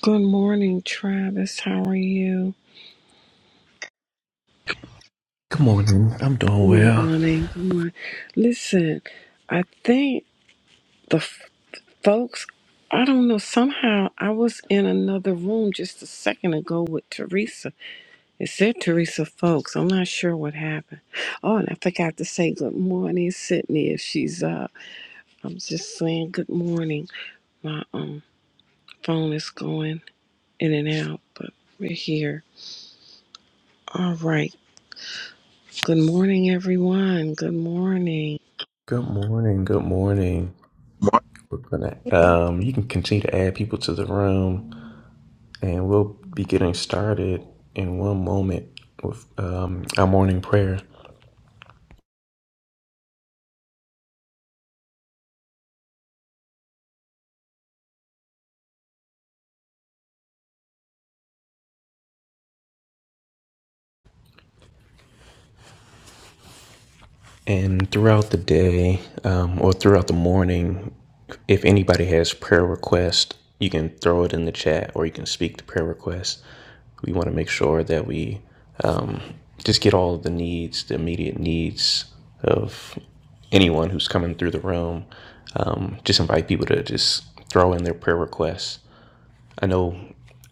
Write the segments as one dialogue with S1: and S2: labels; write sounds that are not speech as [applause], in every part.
S1: Good morning, Travis. How are you?
S2: Good morning. I'm doing
S1: Good
S2: well.
S1: morning. Good morning. Listen, I think the f- folks, I don't know, somehow I was in another room just a second ago with Teresa. It said Teresa Folks. I'm not sure what happened. Oh, and I forgot to say good morning, Sydney, if she's up. I'm just saying good morning. My um phone is going in and out, but we're here. All right. Good morning, everyone. Good morning.
S2: Good morning. Good morning. We're gonna um you can continue to add people to the room and we'll be getting started in one moment with um our morning prayer. And throughout the day, um or throughout the morning, if anybody has prayer requests, you can throw it in the chat or you can speak to prayer requests. We want to make sure that we just get all of the needs, the immediate needs of anyone who's coming through the room just invite people to just throw in their prayer requests. I know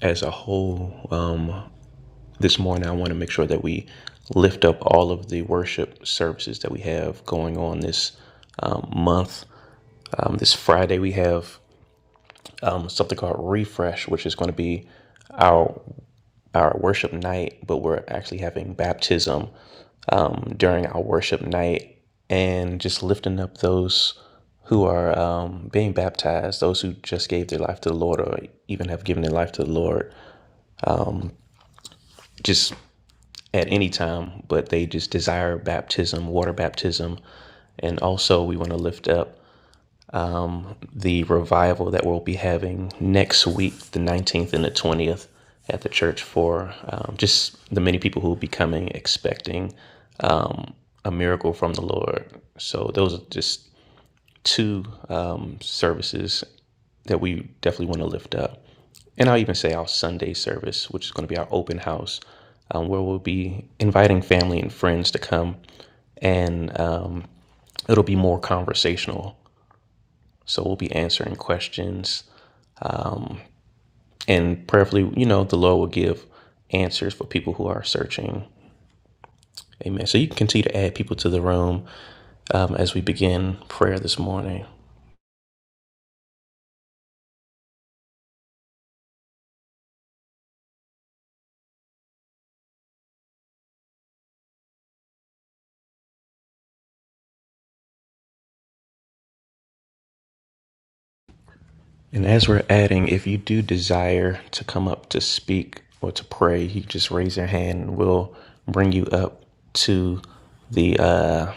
S2: as a whole, um, this morning I want to make sure that we lift up all of the worship services that we have going on this month. Um, this Friday we have um, something called Refresh, which is going to be our our worship night, but we're actually having baptism during our worship night and just lifting up those who are um, being baptized, those who just gave their life to the Lord or even have given their life to the Lord, just at any time, but they just desire baptism, water baptism. And also, we want to lift up the revival that we'll be having next week, the 19th and the 20th, at the church for um, just the many people who will be coming expecting a miracle from the Lord. So, those are just two um, services that we definitely want to lift up. And I'll even say our Sunday service, which is going to be our open house, um, where we'll be inviting family and friends to come. And um, it'll be more conversational. So we'll be answering questions. And prayerfully, you know, the Lord will give answers for people who are searching. Amen. So you can continue to add people to the room um, as we begin prayer this morning. And as we're adding, if you do desire to come up to speak or to pray, you just raise your hand and we'll bring you up to the uh,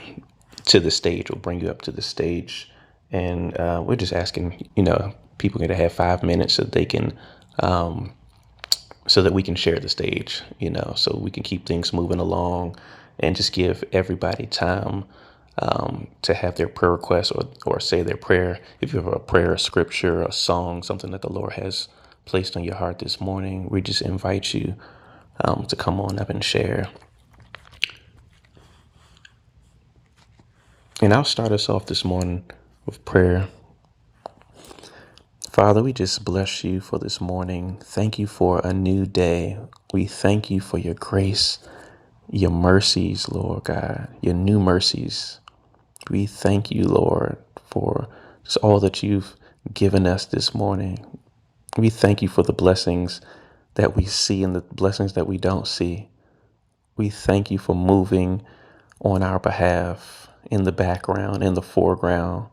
S2: to the stage. We'll bring you up to the stage, and uh, we're just asking, you know, people to have five minutes so they can so that we can share the stage, you know, so we can keep things moving along and just give everybody time um, to have their prayer requests or, or say their prayer. If you have a prayer, a scripture, a song, something that the Lord has placed on your heart this morning, we just invite you um, to come on up and share. And I'll start us off this morning with prayer. Father, we just bless you for this morning. Thank you for a new day. We thank you for your grace. your mercies, Lord God, your new mercies. We thank you, Lord, for just all that you've given us this morning. We thank you for the blessings that we see and the blessings that we don't see. We thank you for moving on our behalf in the background, in the foreground.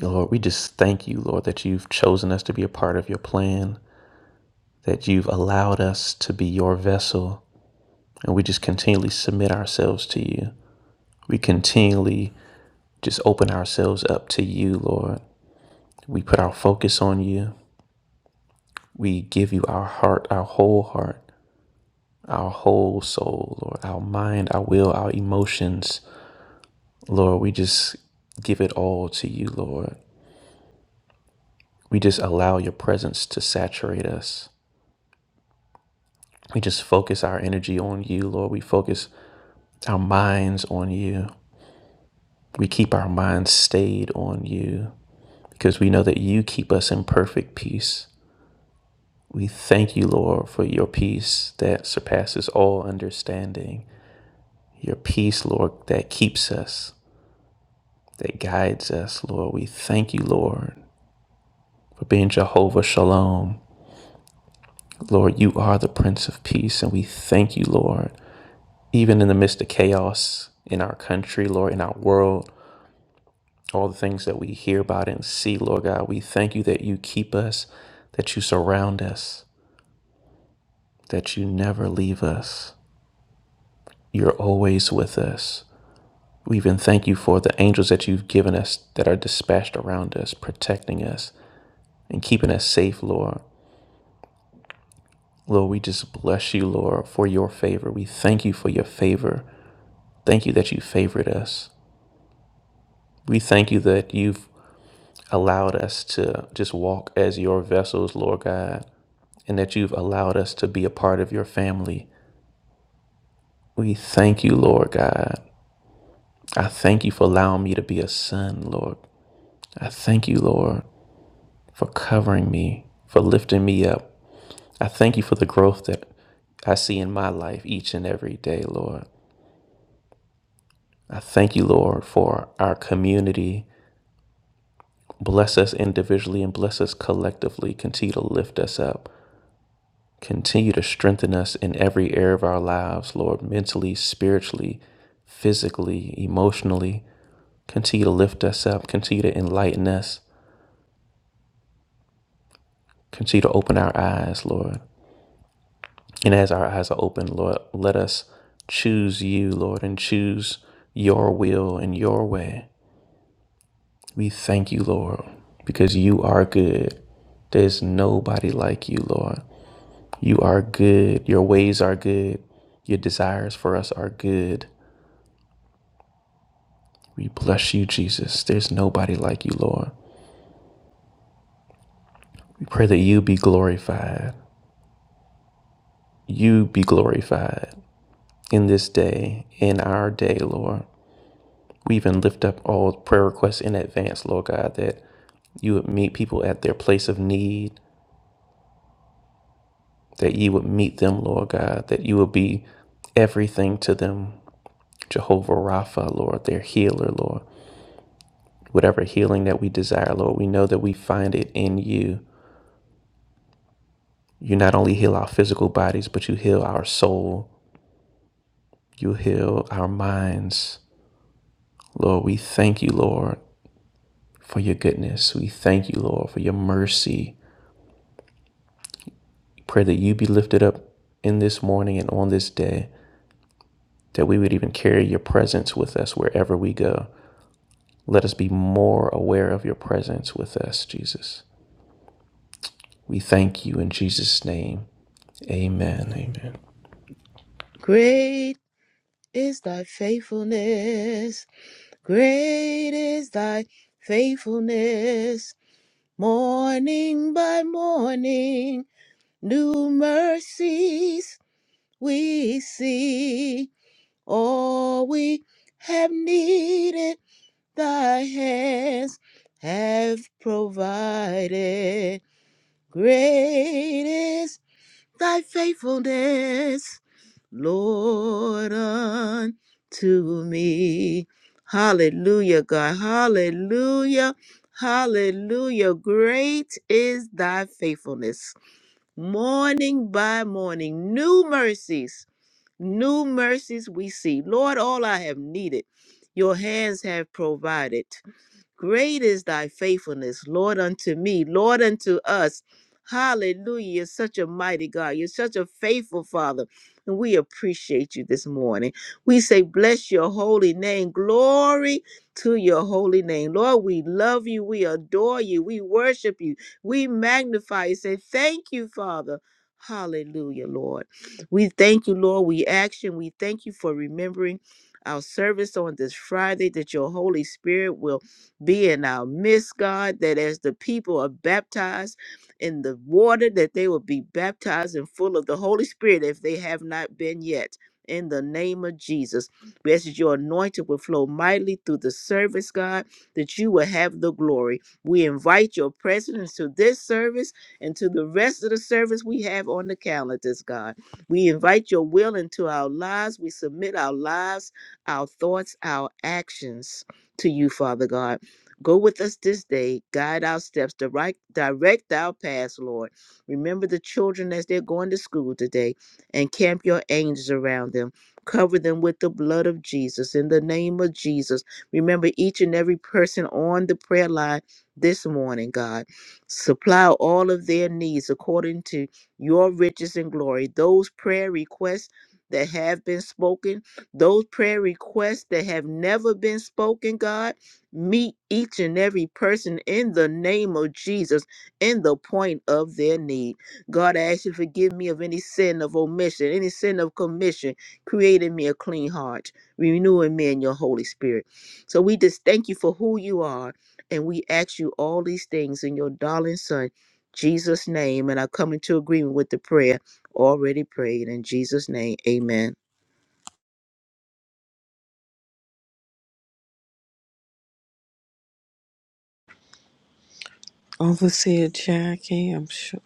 S2: Lord, we just thank you, Lord, that you've chosen us to be a part of your plan, that you've allowed us to be your vessel, and we just continually submit ourselves to you. We continually just open ourselves up to you, Lord. We put our focus on you. We give you our heart, our whole heart, our whole soul, Lord, our mind, our will, our emotions. Lord, we just give it all to you, Lord. We just allow your presence to saturate us. We just focus our energy on you, Lord. We focus our minds on you. We keep our minds stayed on you because we know that you keep us in perfect peace. We thank you, Lord, for your peace that surpasses all understanding. Your peace, Lord, that keeps us, that guides us, Lord. We thank you, Lord, for being Jehovah Shalom. Lord, you are the Prince of Peace, and we thank you, Lord, even in the midst of chaos in our country, Lord, in our world, all the things that we hear about and see, Lord God. We thank you that you keep us, that you surround us, that you never leave us. You're always with us. We even thank you for the angels that you've given us that are dispatched around us, protecting us and keeping us safe, Lord. Lord, we just bless you, Lord, for your favor. We thank you for your favor. Thank you that you favored us. We thank you that you've allowed us to just walk as your vessels, Lord God, and that you've allowed us to be a part of your family. We thank you, Lord God. I thank you for allowing me to be a son, Lord. I thank you, Lord, for covering me, for lifting me up, I thank you for the growth that I see in my life each and every day, Lord. I thank you, Lord, for our community. Bless us individually and bless us collectively. Continue to lift us up. Continue to strengthen us in every area of our lives, Lord, mentally, spiritually, physically, emotionally. Continue to lift us up. Continue to enlighten us. Continue to open our eyes, Lord. And as our eyes are open, Lord, let us choose you, Lord, and choose your will and your way. We thank you, Lord, because you are good. There's nobody like you, Lord. You are good. Your ways are good. Your desires for us are good. We bless you, Jesus. There's nobody like you, Lord. We pray that you be glorified. You be glorified in this day, in our day, Lord. We even lift up all prayer requests in advance, Lord God, that you would meet people at their place of need, that you would meet them, Lord God, that you would be everything to them, Jehovah Rapha, Lord, their healer, Lord. Whatever healing that we desire, Lord, we know that we find it in you. You not only heal our physical bodies, but you heal our soul, you heal our minds. Lord, we thank you, Lord, for your goodness. We thank you, Lord, for your mercy. Pray that you be lifted up in this morning and on this day, that we would even carry your presence with us wherever we go. Let us be more aware of your presence with us, Jesus. We thank you in Jesus' name. Amen. Amen.
S3: Great is thy faithfulness. Great is thy faithfulness. Morning by morning, new mercies we see. All we have needed, thy hands have provided. Great is. thy faithfulness, Lord, unto me. Hallelujah, God. Hallelujah. Hallelujah. Great is thy faithfulness. Morning by morning, new mercies, new mercies we see. Lord, all I have needed, your hands have provided. Great is thy faithfulness, Lord, unto me, Lord, unto us. Hallelujah. You're such a mighty God. You're such a faithful Father. And we appreciate you this morning. We say, Bless your holy name. Glory to your holy name. Lord, we love you. We adore you. We worship you. We magnify you. Say, Thank you, Father. Hallelujah, Lord. We thank you, Lord. We action. We thank you for remembering our service on this Friday that your Holy Spirit will be in our midst, God, that as the people are baptized in the water, that they will be baptized and full of the Holy Spirit if they have not been yet. In the name of Jesus, we ask that your anointing will flow mightily through the service, God, that you will have the glory. We invite your presence to this service and to the rest of the service we have on the calendars, God. We invite your will into our lives. We submit our lives, our thoughts, our actions to you, Father God. Go with us this day, guide our steps, direct, direct our paths, Lord. Remember the children as they're going to school today and camp your angels around them. Cover them with the blood of Jesus. In the name of Jesus, remember each and every person on the prayer line this morning, God. Supply all of their needs according to your riches and glory. Those prayer requests that have been spoken, those prayer requests that have never been spoken, God. Meet each and every person in the name of Jesus in the point of their need. God, I ask you to forgive me of any sin of omission, any sin of commission, creating me a clean heart, renewing me in your Holy Spirit. So we just thank you for who you are, and we ask you all these things in your darling Son, Jesus' name. And I come into agreement with the prayer already prayed in Jesus' name. Amen.
S1: Overseer Jackie, I'm sure.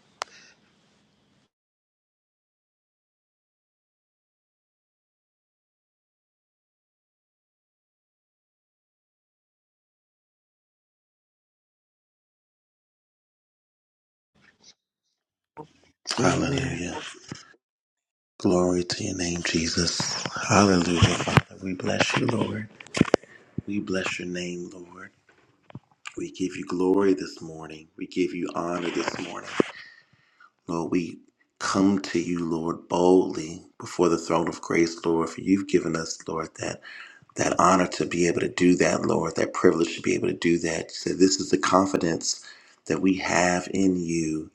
S1: Oh, Man,
S4: Hallelujah. Glory to your name, Jesus. Hallelujah, Father. We bless you, Lord. We bless your name, Lord. We give you glory this morning. We give you honor this morning. Lord, we come to you, Lord, boldly before the throne of grace, Lord, for you've given us, Lord, that that honor to be able to do that, Lord, that privilege to be able to do that. So this is the confidence that we have in you,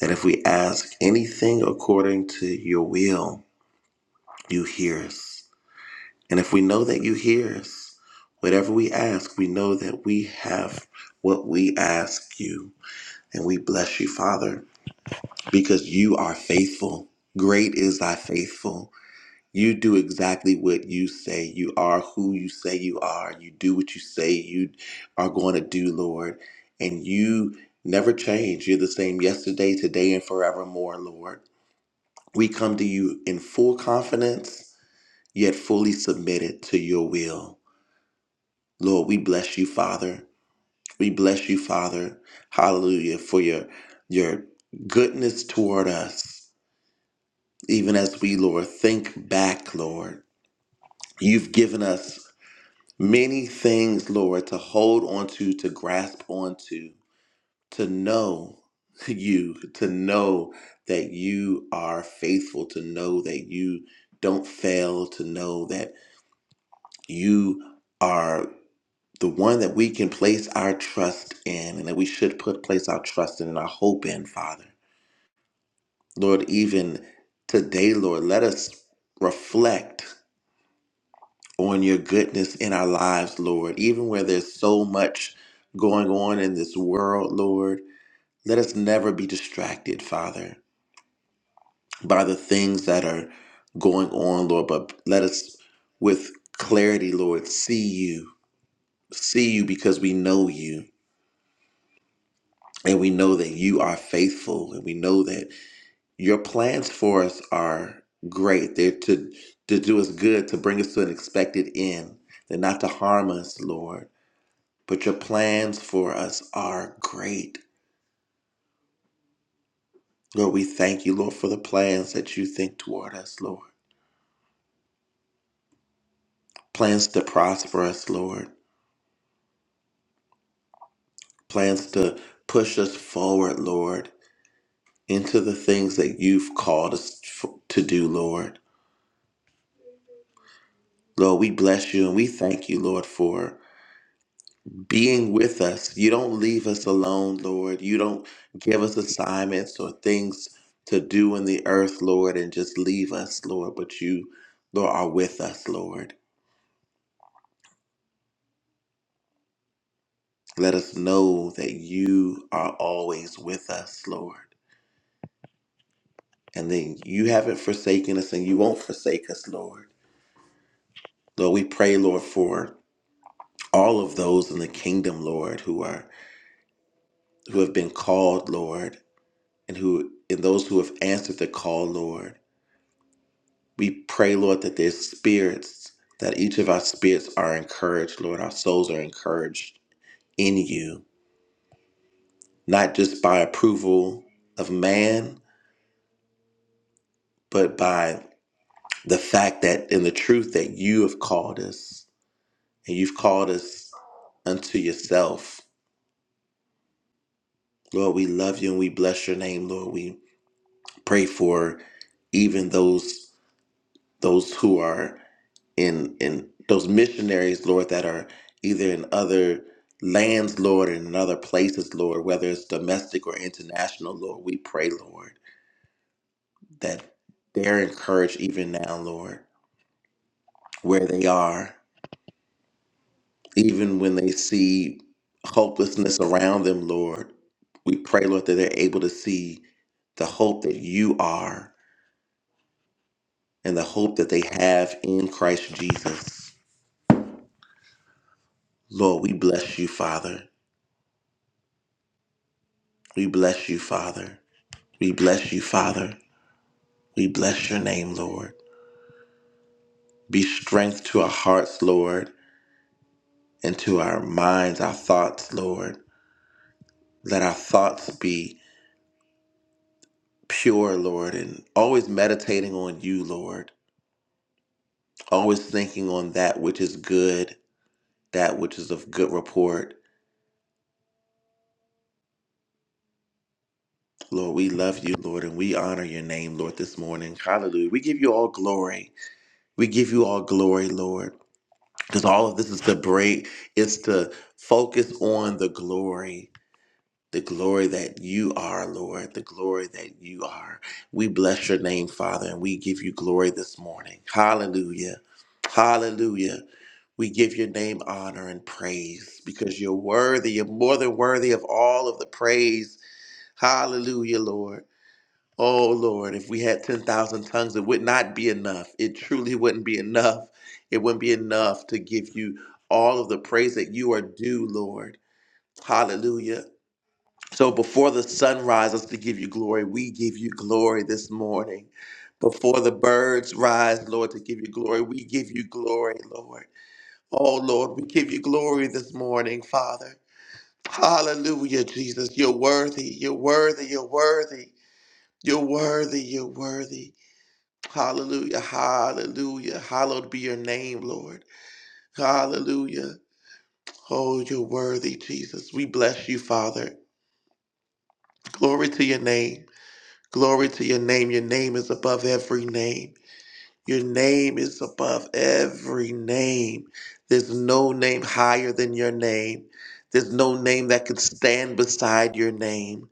S4: that if we ask anything according to your will, You hear us. And if we know that you hear us, whatever we ask, we know that we have what we ask you. And we bless you, Father, because you are faithful. Great is thy faithful. You do exactly what you say. You are who you say you are. You do what you say you are going to do, Lord. And you never change. You're the same yesterday, today, and forevermore, Lord. We come to you in full confidence yet fully submitted to your will. Lord, we bless you, Father. We bless you, Father. Hallelujah for your your goodness toward us. Even as we, Lord, think back, Lord, you've given us many things, Lord, to hold onto, to grasp onto, to know [laughs] you, to know that you are faithful, to know that you don't fail, to know that you are. the one that we can place our trust in and that we should put place our trust in and our hope in, Father. Lord, even today, Lord, let us reflect on your goodness in our lives, Lord, even where there's so much going on in this world, Lord. Let us never be distracted, Father, by the things that are going on, Lord, but let us with clarity, Lord, see you, see you because we know you And we know that you are faithful, and we know that your plans for us are great. They're to, to do us good, to bring us to an expected end. They're not to harm us, Lord. But your plans for us are great. Lord, we thank you, Lord, for the plans that you think toward us, Lord. Plans to prosper us, Lord. Plans to push us forward, Lord, into the things that you've called us f- to do, Lord. Lord, we bless you and we thank you, Lord, for. being with us. You don't leave us alone, Lord. You don't give us assignments or things to do in the earth, Lord, and just leave us, Lord. But you, Lord, are with us, Lord. Let us know that you are always with us, Lord. And then you haven't forsaken us and you won't forsake us, Lord. Lord, we pray, Lord, for all of those in the kingdom, Lord, who are who have been called, Lord, and who and those who have answered the call, Lord. We pray, Lord, that their spirits, that each of our spirits are encouraged, Lord. Our souls are encouraged in you, not just by approval of man, but by the fact that in the truth that you have called us and you've called us unto yourself. Lord, we love you and we bless your name, Lord. We pray for even those. those who are in in those missionaries, Lord, that are either in other lands, Lord, and in other places, Lord, whether it's domestic or international, Lord, we pray, Lord, that they're encouraged even now, Lord, where they are, even when they see hopelessness around them, Lord. We pray, Lord, that they're able to see the hope that you are and the hope that they have in Christ Jesus. Lord, we bless you, Father. We bless you, Father. We bless you, Father. We bless your name, Lord. Be strength to our hearts, Lord, and to our minds, our thoughts, Lord. Let our thoughts be pure, Lord, and always meditating on you, Lord. Always thinking on that which is good, that which is of good report. Lord, we love you, Lord, and we honor your name, Lord, this morning. Hallelujah. We give you all glory. We give you all glory, Lord. because all of this is to break it's to focus on the glory the glory that you are lord the glory that you are we bless your name father and we give you glory this morning hallelujah hallelujah we give your name honor and praise because you're worthy you're more than worthy of all of the praise hallelujah lord Oh Lord, if we had 10,000 tongues, it would not be enough. It truly wouldn't be enough. It wouldn't be enough to give you all of the praise that you are due, Lord. Hallelujah. So before the sun rises to give you glory, we give you glory this morning. Before the birds rise, Lord, to give you glory, we give you glory, Lord. Oh Lord, we give you glory this morning, Father. Hallelujah, Jesus. You're worthy. You're worthy. You're worthy. You're worthy. You're worthy. Hallelujah, hallelujah. Hallowed be your name, Lord. Hallelujah. Oh, you're worthy, Jesus. We bless you, Father. Glory to your name. Glory to your name. Your name is above every name. Your name is above every name. There's no name higher than your name. There's no name that could stand beside your name,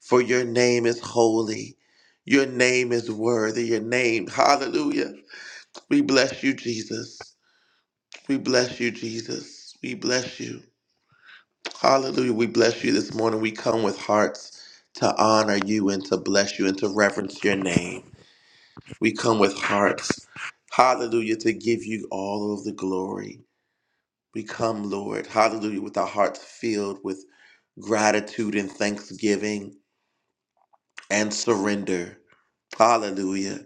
S4: for your name is holy. Your name is worthy. Your name, hallelujah. We bless you, Jesus. We bless you, Jesus. We bless you. Hallelujah. We bless you this morning. We come with hearts to honor you and to bless you and to reverence your name. We come with hearts, hallelujah, to give you all of the glory. We come, Lord, hallelujah, with our hearts filled with gratitude and thanksgiving and surrender. Hallelujah.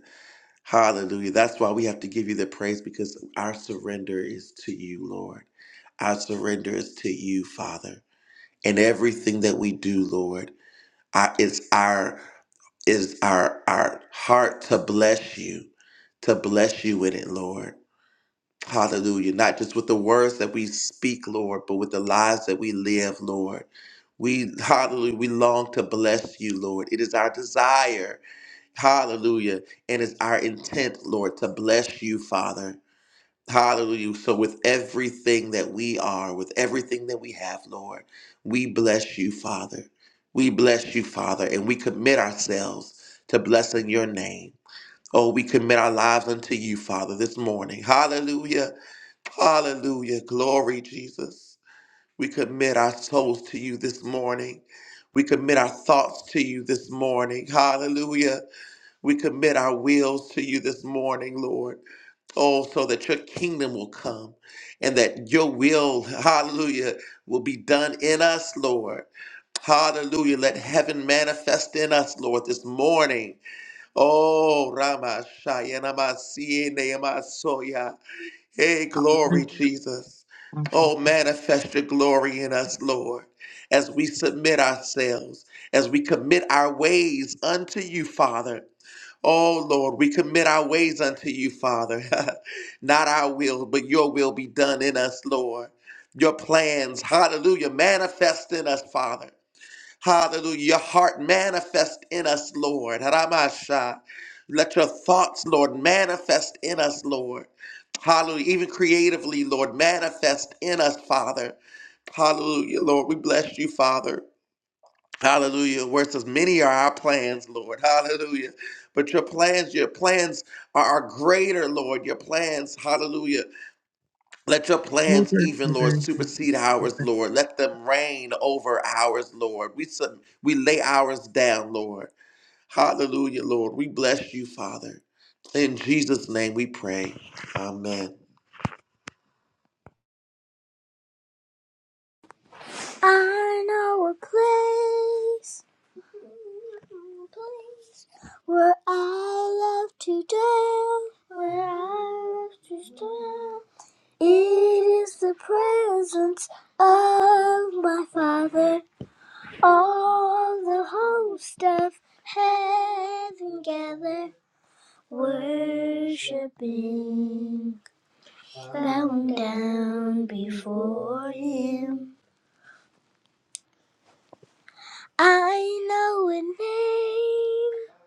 S4: Hallelujah. That's why we have to give you the praise because our surrender is to you, Lord. Our surrender is to you, Father. And everything that we do, Lord, I, it's our is our our heart to bless you, to bless you with it, Lord. Hallelujah. Not just with the words that we speak, Lord, but with the lives that we live, Lord. We hallelujah, we long to bless you, Lord. It is our desire, hallelujah, and it's our intent, Lord, to bless you, Father. Hallelujah. So, with everything that we are, with everything that we have, Lord, we bless you, Father. We bless you, Father, and we commit ourselves to blessing your name. Oh, we commit our lives unto you, Father, this morning. Hallelujah. Hallelujah. Glory, Jesus. We commit our souls to you this morning. We commit our thoughts to you this morning. Hallelujah. We commit our wills to you this morning, Lord. Oh, so that your kingdom will come and that your will, hallelujah, will be done in us, Lord. Hallelujah. Let heaven manifest in us, Lord, this morning. Oh, Rama Soya. Hey,
S5: Hallelujah.
S4: glory, Jesus.
S5: Thank you,
S4: Oh,
S5: Jesus.
S4: manifest your glory in us, Lord, as we submit ourselves, as we commit our ways unto you, Father. Oh Lord, we commit our ways unto you, Father. [laughs] Not our will, but your will be done in us, Lord. Your plans, hallelujah, manifest in us, Father. Hallelujah. Your heart manifest in us, Lord. Haramasha. Let your thoughts, Lord, manifest in us, Lord. Hallelujah. Even creatively, Lord, manifest in us, Father. Hallelujah, Lord. We bless you, Father. Hallelujah. Where it says many are our plans, Lord. Hallelujah. But your plans, your plans are are greater, Lord. Your plans, hallelujah. Let your plans,
S5: Thank
S4: even,
S5: you,
S4: Lord,
S5: thank you,
S4: supersede ours,
S5: Jesus.
S4: Lord. Let them reign over ours, Lord. We, sub- we lay ours down, Lord. Hallelujah, Lord. We bless you, Father. In Jesus' name we pray. Amen.
S6: I know a place, a place where I love to dwell, where I love to dwell. It is the presence of my Father. All the host of heaven gather, worshiping, bowing down before Him. I know a name.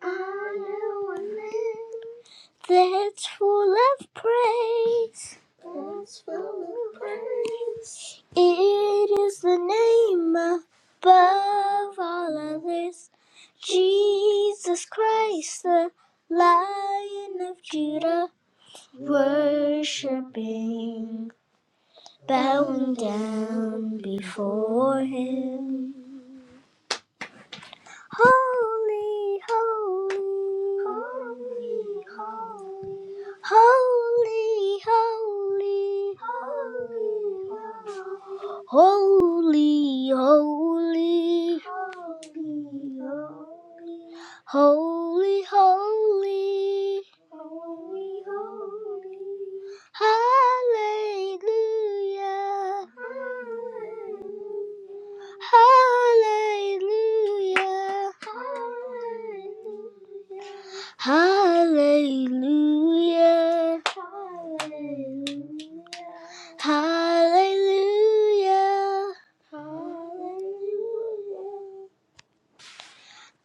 S6: I know a name. That's full of praise. That's full of praise. It is the name above all others. Jesus Christ, the Lion of Judah, worshipping, bowing down before him. Holy, holy, holy, holy, holy, holy, holy, holy. holy, holy. holy, holy. Holy, holy. Hallelujah. Hallelujah. Hallelujah. Hallelujah. Hallelujah. Hallelujah.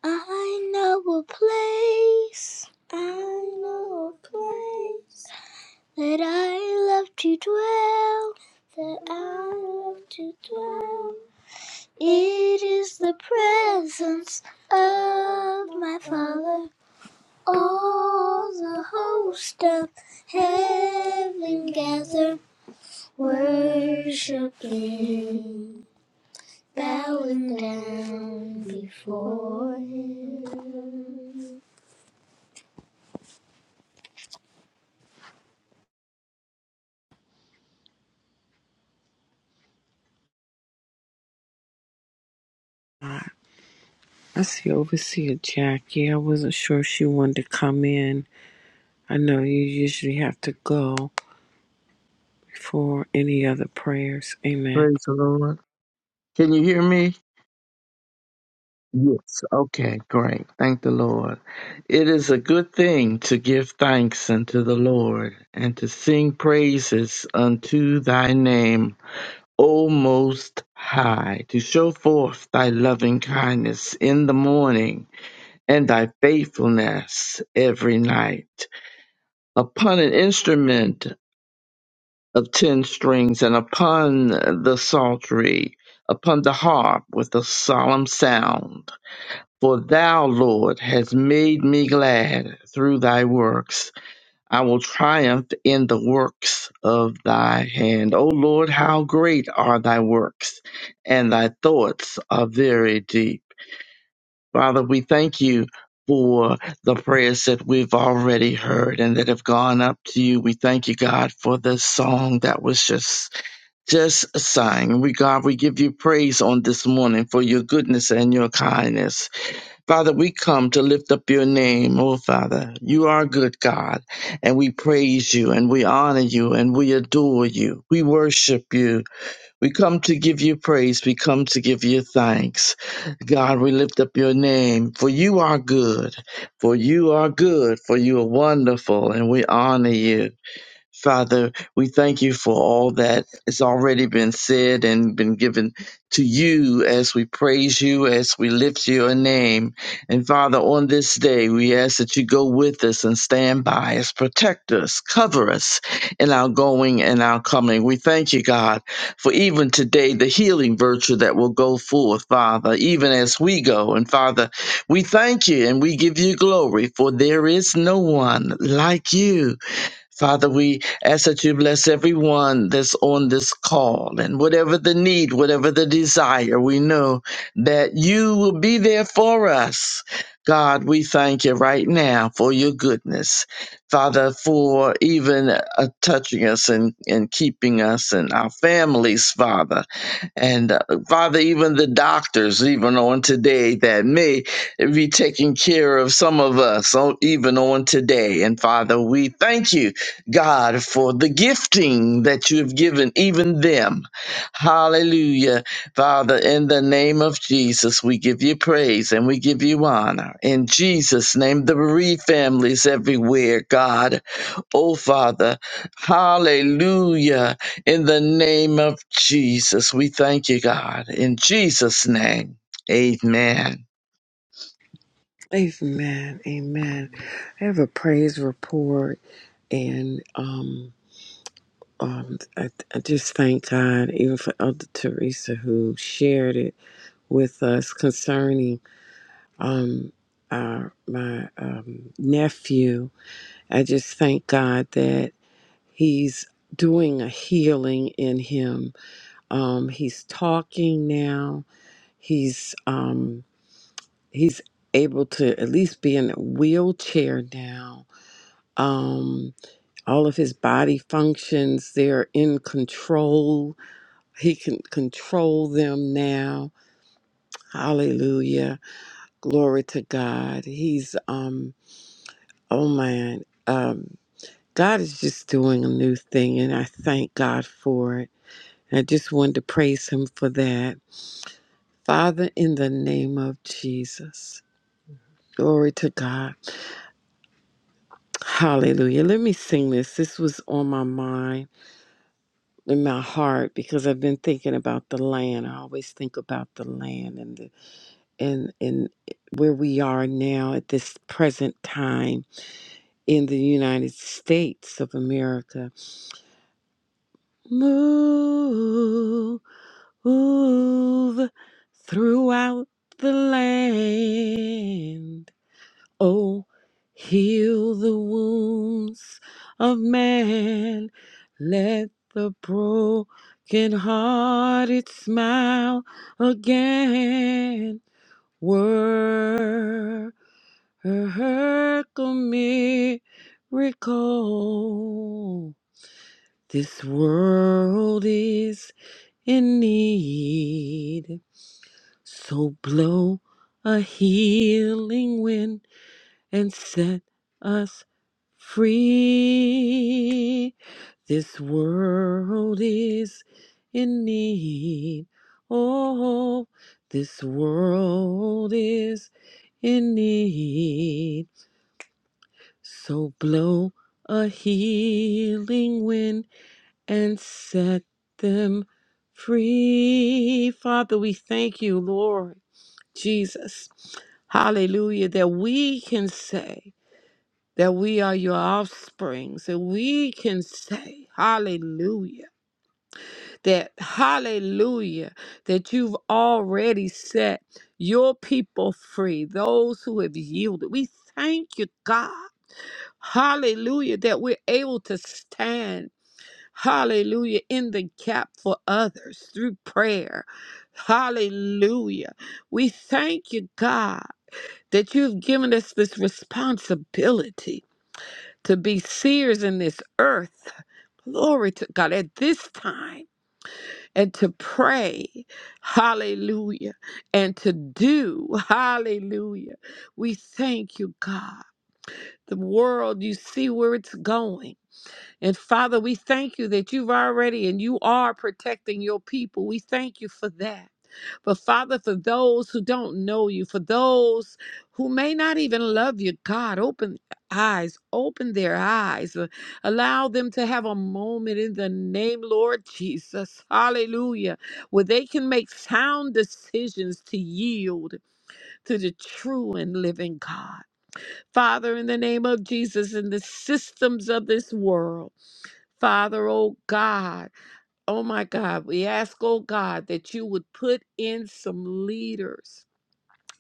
S6: I know a place. I know a place that I love to dwell. That I love to dwell. It is the presence of my Father. All the host of heaven gather, worshiping, bowing down before Him.
S1: I I see Overseer Jackie. I wasn't sure if she wanted to come in. I know you usually have to go before any other prayers. Amen.
S5: Praise the Lord. Can you hear me? Yes. Okay, great. Thank the Lord. It is a good thing to give thanks unto the Lord and to sing praises unto thy name, O Most High, to show forth thy loving kindness in the morning and thy faithfulness every night. Upon an instrument of ten strings, and upon the psaltery, upon the harp with a solemn sound. For thou, Lord, hast made me glad through thy works. I will triumph in the works of thy hand. O Lord, how great are thy works, and thy thoughts are very deep. Father, we thank you for the prayers that we've already heard and that have gone up to you. We thank you, God, for this song that was just just sighing. We, God, we give you praise on this morning for your goodness and your kindness. Father, we come to lift up your name, oh Father. You are good, God, and we praise you and we honor you and we adore you. We worship you. We come to give you praise. We come to give you thanks. God, we lift up your name, for you are good, for you are good, for you are wonderful, and we honor you. Father, we thank you for all that has already been said and been given to you as we praise you, as we lift your name. And Father, on this day, we ask that you go with us and stand by us, protect us, cover us in our going and our coming. We thank you, God, for even today, the healing virtue that will go forth, Father, even as we go. And Father, we thank you and we give you glory, for there is no one like you. Father, we ask that you bless everyone that's on this call and whatever the need, whatever the desire, we know that you will be there for us. God, we thank you right now for your goodness. Father, for even uh, touching us and, and keeping us and our families, Father. And uh, Father, even the doctors, even on today, that may be taking care of some of us, oh, even on today. And Father, we thank you God, for the gifting that you have given even them. Hallelujah. Father, in the name of Jesus, we give you praise and we give you honor. In Jesus' name, the bereaved families everywhere, God. Oh, Father, hallelujah. In the name of Jesus, we thank you, God. In Jesus' name, amen.
S1: Amen. Amen. I have a praise report, and um, um, I, I just thank God, even for Elder Teresa who shared it with us concerning um, our my um, nephew I just thank God that He's doing a healing in him. Um, he's talking now. He's um, he's able to at least be in a wheelchair now. Um, all of his body functions they're in control. He can control them now. Hallelujah. Glory to God. He's um oh man. Um God is just doing a new thing and I thank God for it. I just wanted to praise him for that. Father, in the name of Jesus. Glory to God. Hallelujah. Let me sing this. This was on my mind, in my heart, because I've been thinking about the land. I always think about the land and the, and and where we are now at this present time in the United States of America. Move move throughout the land Oh, heal the wounds of man. Let the broken hearted smile again. Work a miracle. This world is in need. So blow a healing wind and set us free. This world is in need. Oh, this world is in need. So blow a healing wind and set them free. Father, we thank you, Lord Jesus. Hallelujah, that we can say, that we are your offspring. So we can say, Hallelujah, that Hallelujah, that you've already set your people free, those who have yielded. We thank you, God. Hallelujah, that we're able to stand. Hallelujah, in the gap for others through prayer. Hallelujah. We thank you, God, that you've given us this responsibility to be seers in this earth. Glory to God at this time and to pray. Hallelujah. And to do. Hallelujah. We thank you, God. The world, you see where it's going. And Father, we thank you that you've already and you are protecting your people. We thank you for that. But Father, for those who don't know you, for those who may not even love you, God, open eyes, open their eyes. Uh, Allow them to have a moment in the name, Lord Jesus. Hallelujah. Where they can make sound decisions to yield to the true and living God. Father, in the name of Jesus, in the systems of this world, Father, oh God. Oh my God, we ask, oh God, that you would put in some leaders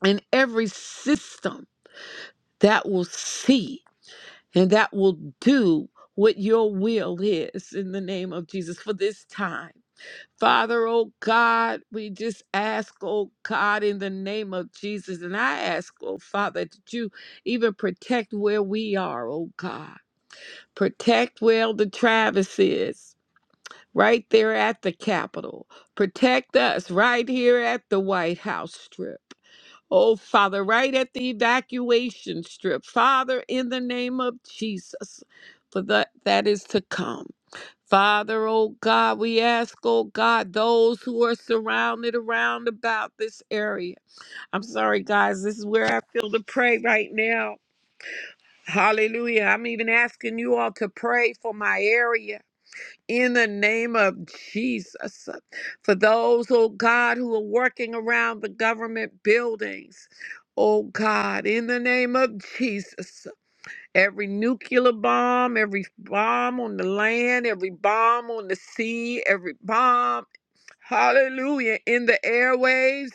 S1: in every system that will see and that will do what your will is in the name of Jesus for this time. Father, oh God, we just ask, oh God, in the name of Jesus. And I ask, oh Father, that you even protect where we are, oh God. Protect where the Travis is. right there at the Capitol. Protect us right here at the White House Strip. Oh, Father, right at the evacuation strip. Father, in the name of Jesus, for that, that is to come. Father, oh God, we ask, oh God, those who are surrounded around about this area. I'm sorry, guys, this is where I feel to pray right now. Hallelujah. I'm even asking you all to pray for my area in the name of Jesus. For those, oh God, who are working around the government buildings, oh God, in the name of Jesus. Every nuclear bomb, every bomb on the land, every bomb on the sea, every bomb, hallelujah, in the airwaves,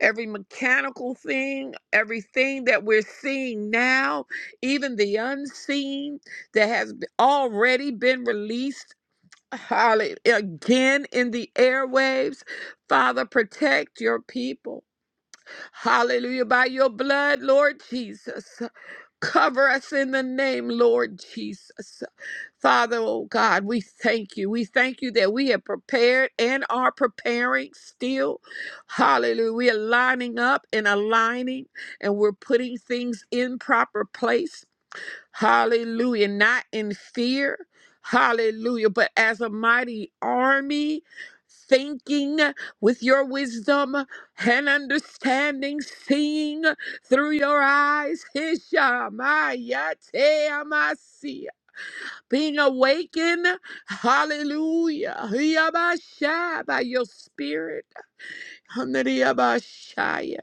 S1: every mechanical thing, everything that we're seeing now, even the unseen that has already been released Holly, again in the airwaves. Father, protect your people. Hallelujah. By your blood, Lord Jesus. Cover us in the name, Lord Jesus. Father, oh God, we thank you. We thank you that we have prepared and are preparing still. Hallelujah. We are lining up and aligning and we're putting things in proper place. Hallelujah. Not in fear. Hallelujah. But as a mighty army, thinking with your wisdom and understanding, seeing through your eyes. [laughs] Hishamayateamasi. Being awakened. Hallelujah. Hiyabashai, By your spirit. Hanariyabashai.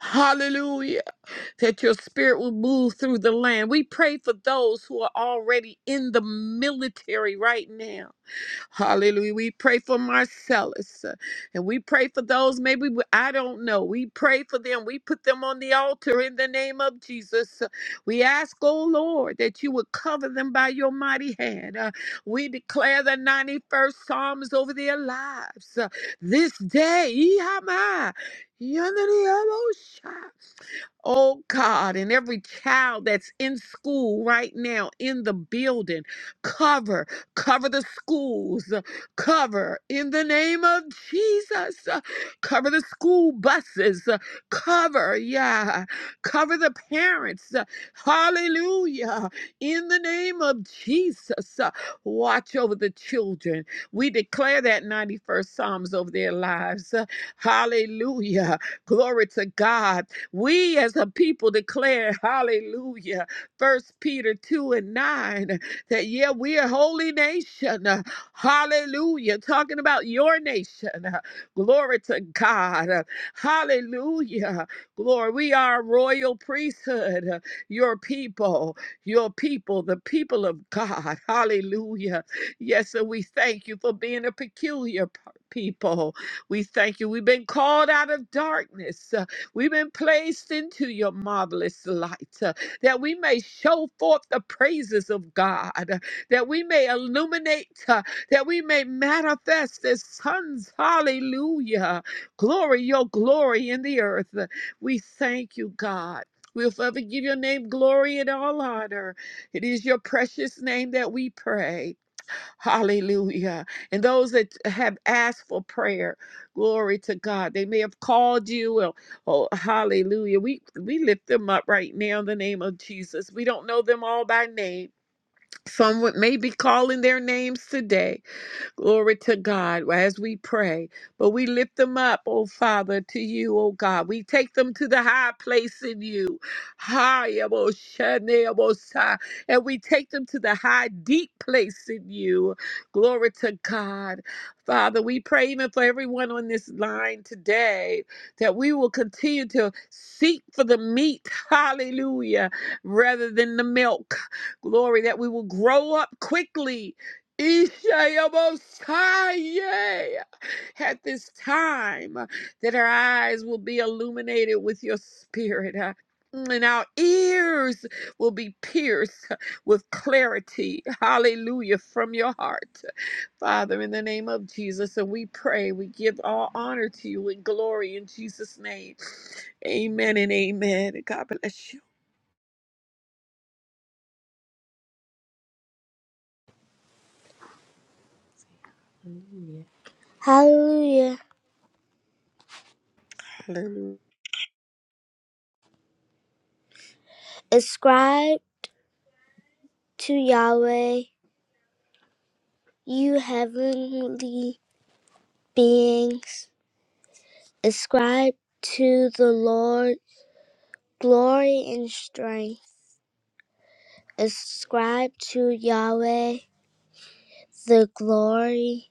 S1: Hallelujah that your spirit will move through the land. We pray for those who are already in the military right now Hallelujah. We pray for Marcellus uh, and we pray for those maybe we- I don't know. We pray for them. We put them on the altar in the name of Jesus. Uh, We ask, oh Lord, that you would cover them by your mighty hand. Uh, We declare the 91st Psalms over their lives uh, this day. Yama, yanadiyabosha. Oh God, and every child that's in school right now in the building, cover. Cover the schools. Cover in the name of Jesus. Cover the school buses. Cover, yeah. Cover the parents. Hallelujah. In the name of Jesus. Watch over the children. We declare that 91st Psalms over their lives. Hallelujah. Glory to God. We as a people declare, hallelujah. First Peter 2 and 9 that yeah, we're a holy nation. Uh, Hallelujah. Talking about your nation. Uh, Glory to God. Uh, Hallelujah. Glory. We are a royal priesthood. Uh, Your people, your people, the people of God. [laughs] Hallelujah. Yes, and we thank you for being a peculiar p- people. We thank you. We've been called out of darkness. Uh, We've been placed into your marvelous light. uh, that we may show forth the praises of God, that we may illuminate, uh, that we may manifest as sons. Hallelujah. Glory, your glory in the earth. We thank you, God. We'll forever give your name glory and all honor. It is your precious name that we pray. Hallelujah. And those that have asked for prayer, glory to God. They may have called you Oh, hallelujah. We we lift them up right now in the name of Jesus. We don't know them all by name. Some would- may be calling their names today. Glory to God as we pray. But we lift them up, oh Father, to you, oh God. We take them to the high place in you. High, oh, Shane, oh, Sa- and we take them to the high, deep place in you. Glory to God. Father, we pray even for everyone on this line today that we will continue to seek for the meat, hallelujah, rather than the milk. Glory, that we will grow up quickly Ishayabosaya. At this time, uh, that our eyes will be illuminated with your spirit, uh, and our ears will be pierced uh, with clarity. Hallelujah, from your heart. Father, in the name of Jesus, and we pray, we give all honor to you and glory in Jesus' name. Amen and amen. God bless you.
S6: Hallelujah.
S1: Hallelujah.
S6: Ascribe to Yahweh, you heavenly beings. Ascribe to the Lord glory and strength. Ascribe to Yahweh the glory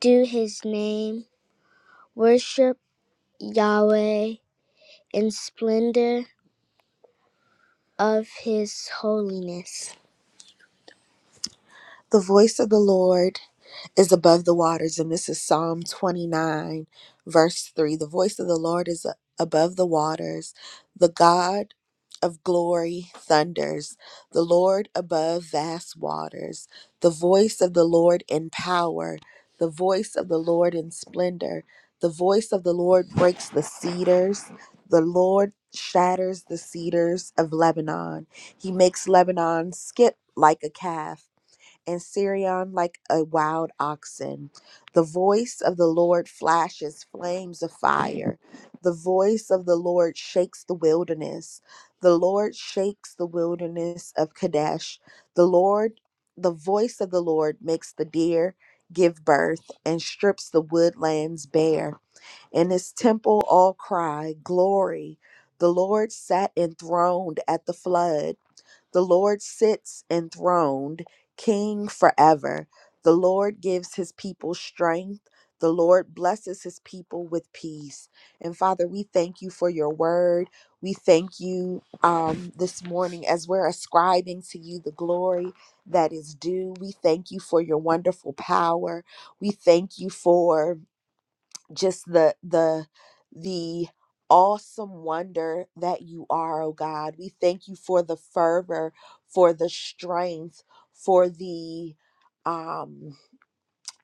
S6: due his name. Worship Yahweh in splendor of his holiness. The voice of the Lord is above the waters. And this is Psalm 29, verse 3. The voice of the Lord is a- above the waters. The God of glory thunders. The Lord above vast waters. The voice of the Lord in power. The voice of the Lord in splendor. The voice of the Lord breaks the cedars. The Lord shatters the cedars of Lebanon. He makes Lebanon skip like a calf and Sirion like a wild oxen. The voice of the Lord flashes flames of fire. The voice of the Lord shakes the wilderness. The Lord shakes the wilderness of Kadesh. The Lord, the voice of the Lord makes the deer give birth and strips the woodlands bare. In his temple all cry, Glory. The Lord sat enthroned at the flood. The Lord sits enthroned, king forever. The Lord gives his people strength. The Lord blesses his people with peace. And Father, we thank you for your word. We thank you um, this morning as we're ascribing to you the glory that is due. We thank you for your wonderful power. We thank you for just the the the awesome wonder that you are oh god we thank you for the fervor for the strength for the um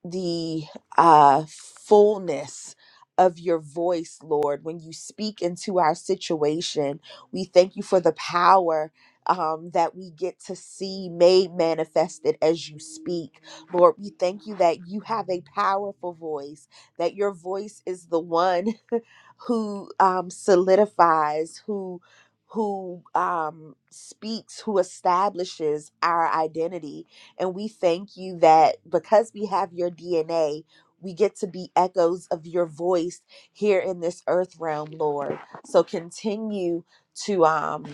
S6: the uh, fullness of your voice, Lord, when you speak into our situation. We thank you for the power. Um, that we get to see made manifested as you speak. Lord, we thank you that you have a powerful voice, that your voice is the one [laughs] who um, solidifies, who who um, speaks, who establishes our identity. And we thank you that because we have your DNA, we get to be echoes of your voice here in this earth realm, Lord. So continue to um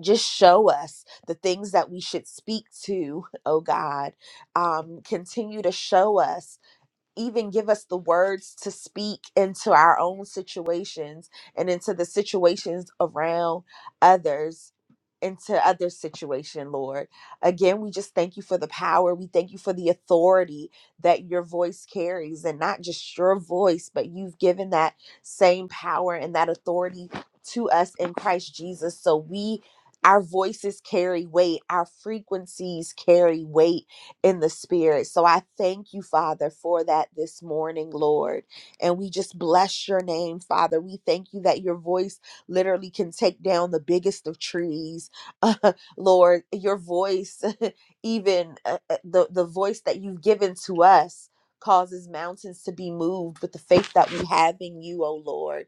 S6: just show us the things that we should speak to, [laughs] oh God. Um, continue to show us even give us the words to speak into our own situations and into the situations around others into other situation lord again we just thank you for the power we thank you for the authority that your voice carries and not just your voice but you've given that same power and that authority to us in christ jesus so we our voices carry weight our frequencies carry weight in the spirit. So I thank you, Father, for that this morning, Lord. And we just bless your name, Father. We thank you that your voice literally can take down the biggest of trees. [laughs] Lord, your voice, [laughs] even uh, uh, the, the voice that you've given to us, causes mountains to be moved with the faith that we have in you, O Lord.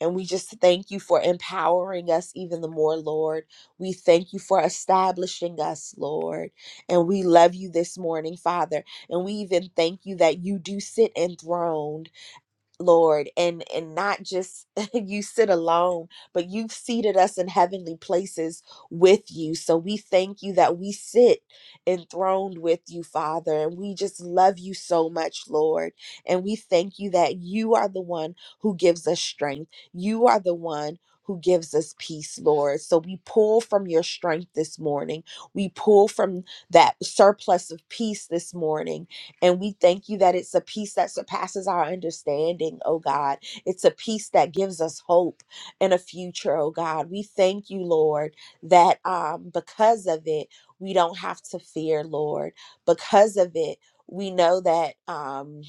S6: And we just thank you for empowering us even the more, Lord. We thank you for establishing us, Lord. And we love you this morning, Father. And we even thank you that you do sit enthroned Lord, and and not just [laughs] you sit alone, but you've seated us in heavenly places with you. So we thank you that we sit enthroned with you, Father, and we just love you so much, Lord. And we thank you that you are the one who gives us strength. You are the one who gives us peace, Lord. So we pull from your strength this morning. We pull from that surplus of peace this morning and we thank you that it's a peace that surpasses our understanding, oh God. It's a peace that gives us hope and a future, oh God. We thank you, Lord, that um, because of it, we don't have to fear, Lord. Because of it, we know that. Um,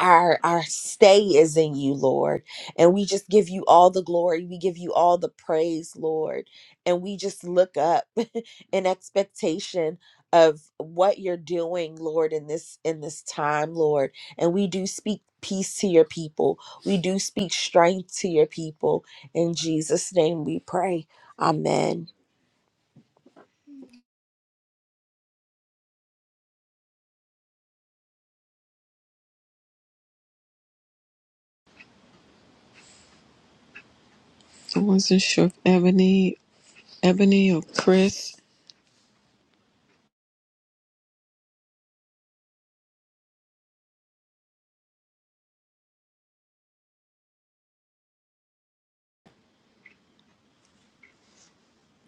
S6: our our stay is in you lord and we just give you all the glory we give you all the praise lord and we just look up [laughs] in expectation of what you're doing lord in this in this time lord and we do speak peace to your people we do speak strength to your people in jesus name we pray amen
S1: I wasn't sure if Ebony, Ebony or Chris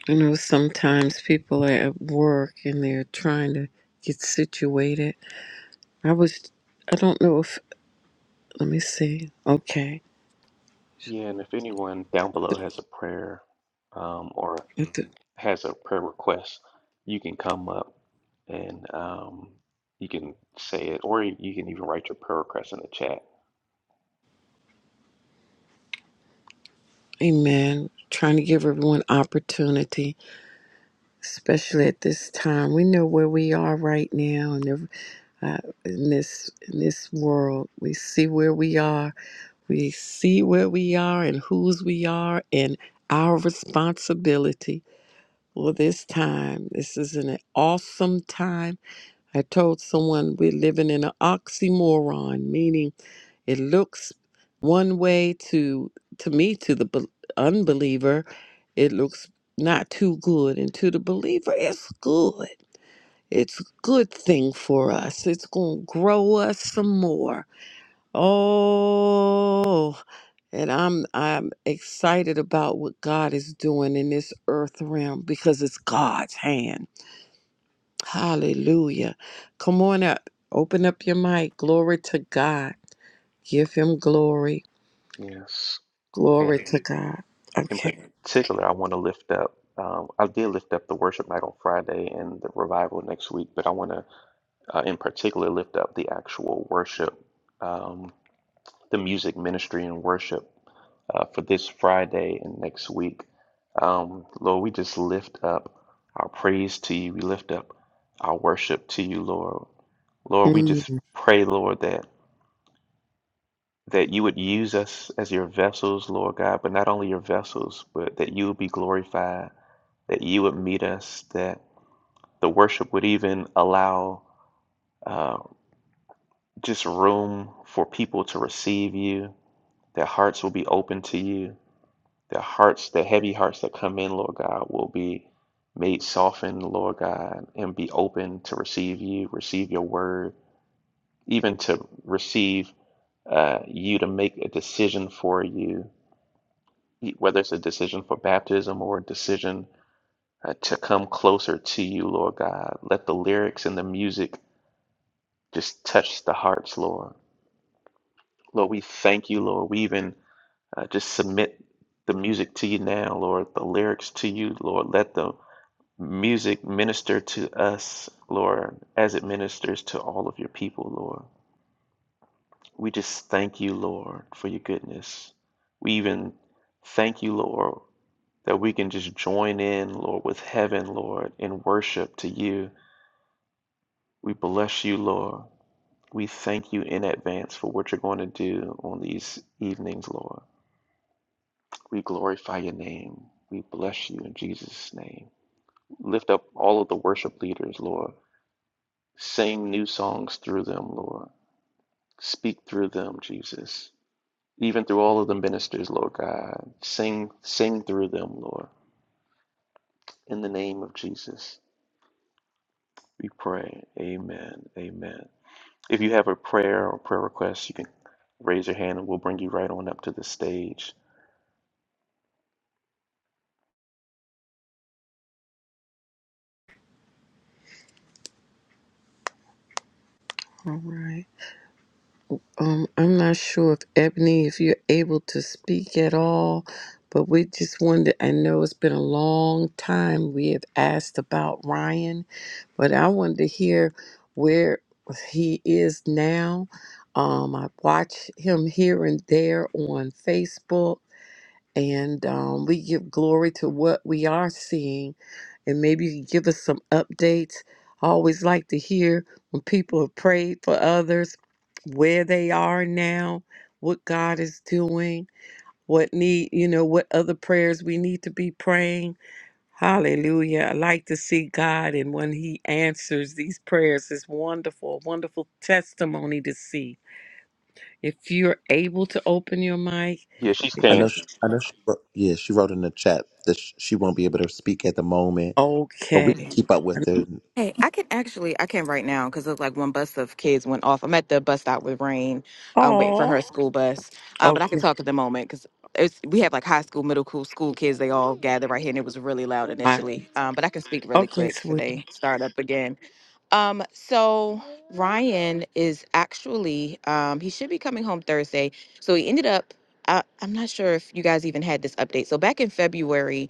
S1: You know, sometimes people are at work and they're trying to get situated. I was, I don't know if, let me see. Okay.
S2: Yeah, and if anyone down below has a prayer um, or
S1: At the-
S2: has a prayer request, you can come up and um, you can say it, or you can even write your prayer request in the chat.
S1: Amen. Trying to give everyone opportunity, especially at this time. We know where we are right now, and every- uh, in this in this world, we see where we are. We see where we are and whose we are, and our responsibility. Well, this time, this is an awesome time I told someone we're living in an oxymoron, meaning it looks one way to to me to the bel- unbeliever, it looks not too good, and to the believer, it's good. It's a good thing for us. It's gonna grow us some more. Oh, and I'm I'm excited about what God is doing in this earth realm because it's God's hand Hallelujah. Come on up. Open up your mic. Glory to God. Give him glory.
S2: Yes. and.
S1: Glory to God.
S2: in
S1: Okay.
S2: particular, I want to lift up. Um, I did lift up the worship night on Friday and the revival next week, but I want to, uh, in particular, lift up the actual worship, um, the music ministry and worship uh, for this Friday and next week. Um, Lord, we just lift up our praise to you. We lift up our worship to you, Lord. Lord, we just
S1: Mm,
S2: pray, Lord, that that you would use us as your vessels, Lord God, but not only your vessels, but that you would be glorified that you would meet us, that the worship would even allow uh, just room for people to receive you. Their hearts will be open to you. Their hearts, the heavy hearts that come in, Lord God, will be made softened, Lord God, and be open to receive you, receive your word, even to receive uh, you to make a decision for you, whether it's a decision for baptism or a decision uh, to come closer to you, Lord God. Let the lyrics and the music Just touch the hearts, Lord. Lord, we thank you, Lord. We even uh, just submit the music to you now, Lord, the lyrics to you, Lord. Let the music minister to us, Lord, as it ministers to all of your people, Lord. We just thank you, Lord, for your goodness. We even thank you, Lord, that we can just join in, Lord, with heaven, Lord, in worship to you. We bless you, Lord. We thank you in advance for what you're going to do on these evenings, Lord. We glorify your name. We bless you in Jesus' name. Lift up all of the worship leaders, Lord. Sing new songs through them, Lord. Speak through them, Jesus. Even through all of the ministers, Lord God. Sing sing through them, Lord. In the name of Jesus. We pray. Amen. Amen. If you have a prayer or press you can up to this.
S1: all right. Um, I'm not sure if Ebony, if you're able to speak at all, but we just wanted, I know it's been a long time we have asked about Ryan, but I wanted to hear where he is now. Um, I watch him here and there on Facebook and um, we give glory to what we are seeing. And maybe you can give us some updates. I always like to hear when people have prayed for others, where they are now, what God is doing, what need, you know, what other prayers we need to be praying. Hallelujah. I like to see God, and when He answers these prayers, it's wonderful, wonderful testimony to see. If you're able to open your mic,
S2: Yeah, she's
S1: if you,
S2: can't.
S4: Wr- Yeah, she wrote in the chat that sh- she won't be able to speak at the moment, but we can
S1: okay.
S4: keep. up.
S7: Hey, I can actually, I can't right now because it's like one bus of kids went off. I'm at the bus stop with Rain, um, waiting for
S1: Oh,
S7: her school bus. Um, but I can
S1: okay.
S7: talk at the moment because it's we have like high school, middle school, school kids. They all gathered right here, and it was really loud
S1: I,
S7: initially. Um, but I can speak really
S1: okay,
S7: quick for they
S1: sweetie.
S7: start up again. Um, so Ryan is actually, um, he should be coming home Thursday. So he ended up. I, I'm not sure if you guys even had this update. So back in February,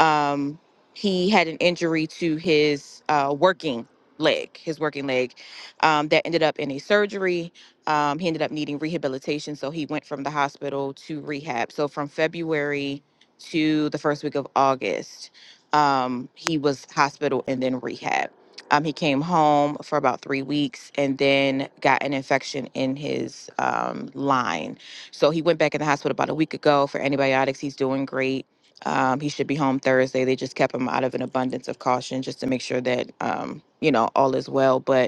S7: um, he had an injury to his uh, working leg, his working leg, um, that ended up in a surgery. Um, he ended up needing rehabilitation, so he went from the hospital to rehab. So from February to the first week of August, um, he was hospital and then rehab. Um, he came home for about three weeks and then got an infection in his um, line. So he went back in the hospital about a week ago for antibiotics. He's doing great um, he should be home Thursday. They just kept him out of an abundance of caution just to make sure that, um, you know, all is well. But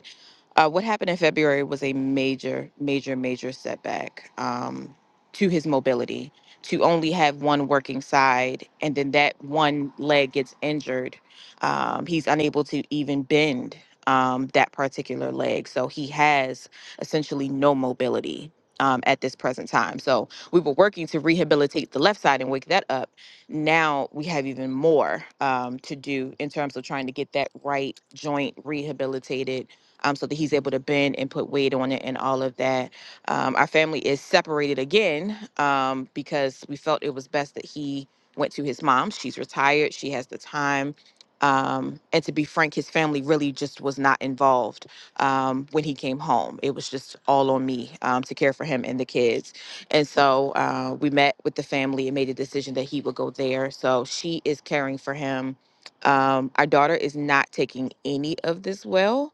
S7: uh, what happened in February was a major, major, major setback um, to his mobility. To only have one working side, and then that one leg gets injured, um, he's unable to even bend um, that particular leg. So he has essentially no mobility um, at this present time. So we were working to rehabilitate the left side and wake that up. Now we have even more um, to do in terms of trying to get that right joint rehabilitated um, so that he's able to bend and put weight on it and all of that. Um, our family is separated again um, because we felt it was best that he went to his mom. She's retired, she has the time. Um, and to be frank, his family really just was not involved um, when he came home. It was just all on me um, to care for him and the kids. And so uh, we met with the family and made a decision that he would go there. So she is caring for him. Um, our daughter is not taking any of this well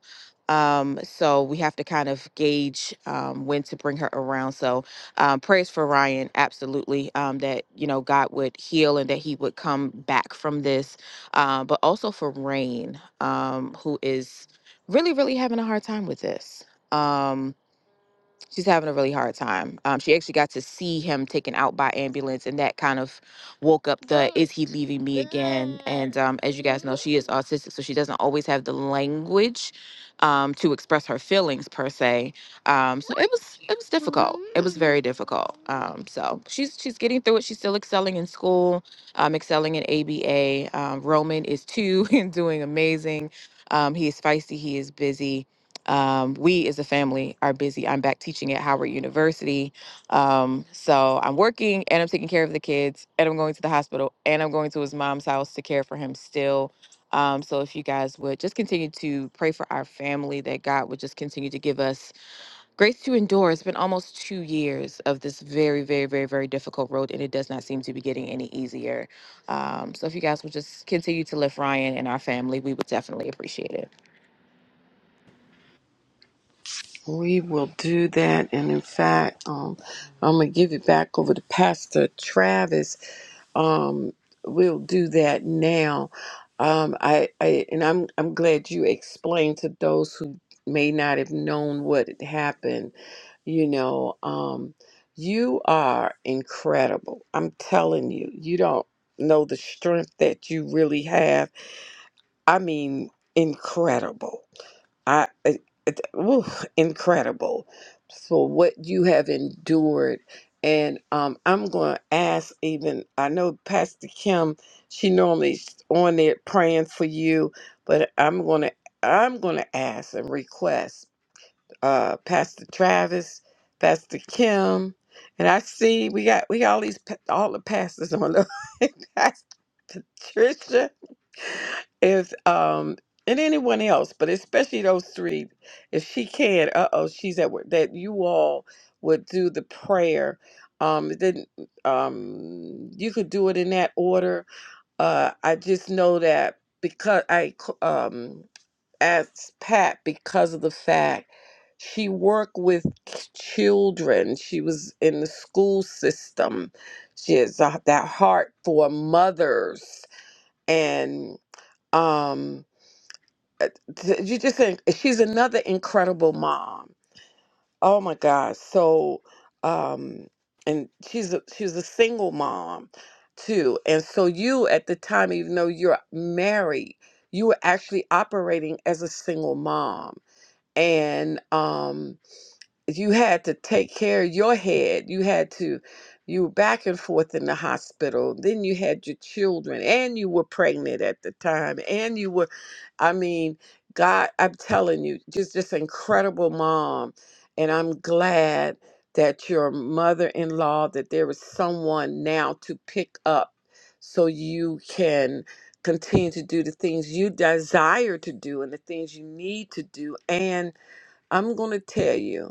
S7: um, so we have to kind of gauge um, when to bring her around. So um, prayers for Ryan, absolutely, um, that you know God would heal and that he would come back from this. Um, but also for Rain, um, who is really, really having a hard time with this. Um, she's having a really hard time. Um, she actually got to see him taken out by ambulance, and that kind of woke up the "Is he leaving me again?" And um, as you guys know, she is autistic, so she doesn't always have the language um, to express her feelings per se. Um, so it was it was difficult. It was very difficult. Um, so she's she's getting through it. She's still excelling in school, um, excelling in ABA. Um, Roman is two [laughs] and doing amazing. Um, he is feisty. He is busy um, we as a family are busy. I'm back teaching at Howard University. Um, so I'm working and I'm taking care of the kids and I'm going to the hospital and I'm going to his mom's house to care for him still. Um, so if you guys would just continue to pray for our family, that God would just continue to give us grace to endure. It's been almost two years of this very, very, very, very difficult road, and it does not seem to be getting any easier. Um, so if you guys would just continue to lift Ryan and our family, we would definitely appreciate it.
S1: We will do that. And in fact, um, I'm going to give it back over to Pastor Travis. Um, we'll do that now. Um, I, I, and I'm, I'm glad you explained to those who may not have known what had happened. You know, um, you are incredible. I'm telling you, you don't know the strength that you really have. I mean, incredible. I it, it, oof, incredible for what you have endured. And um, I'm going to ask even I know Pastor Kim, she normally's on there praying for you, but I'm going to I'm going to ask and request uh, Pastor Travis, Pastor Kim, and I see we got we got all these pa- all the pastors on the [laughs] Pastor Patricia if um and anyone else, but especially those three, if she can, uh oh, she's at work. That you all would do the prayer. Um, it didn't um you could do it in that order. Uh, I just know that because I c- um asked Pat because of the fact she worked with k- children. She was in the school system. She has a- that heart for mothers and. um, uh, th- you just think eh, she's another incredible mom. Oh my gosh. So um and she's a she's a single mom too. And so you at the time, even though you're married, you were actually operating as a single mom. And um you had to take care of your head. You had to, you were back and forth in the hospital. Then you had your children, and you were pregnant at the time, and you were, I mean, God, I'm telling you, just this incredible mom. And I'm glad that your mother in law, that there is someone now to pick up so you can continue to do the things you desire to do and the things you need to do. And I'm going to tell you,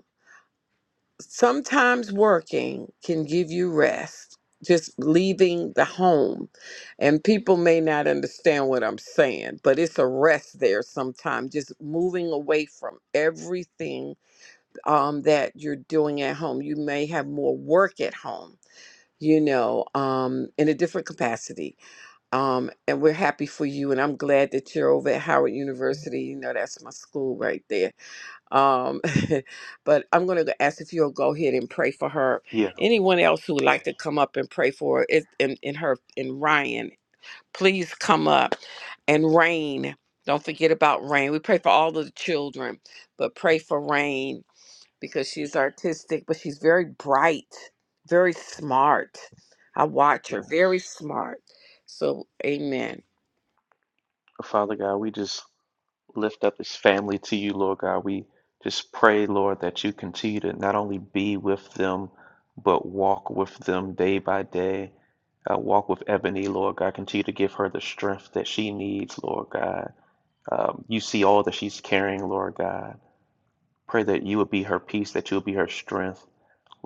S1: sometimes working can give you rest, just leaving the home. And people may not understand what I'm saying, but it's a rest there sometimes, just moving away from everything um, that you're doing at home. You may have more work at home. You know, um, in a different capacity. Um, and we're happy for you. And I'm glad that you're over at Howard University. You know, that's my school right there um, [laughs] but I'm going to ask if you'll go ahead and pray for her.
S2: Yeah.
S1: Anyone else who would like to come up and pray for it in, in her in Ryan, please come up and rain. Don't forget about rain. We pray for all of the children, but pray for rain because
S2: Yeah.
S1: she's artistic, but she's very bright, very smart. I watch her, very
S2: Yes.
S1: smart. So, amen.
S2: Father God, we just lift up this family to you, Lord God. We just pray, Lord, that you continue to not only be with them, but walk with them day by day. Uh, walk with Ebony, Lord God. Continue to give her the strength that she needs, Lord God. Um, you see all that she's carrying, Lord God. Pray that you would be her peace, that you would be her strength.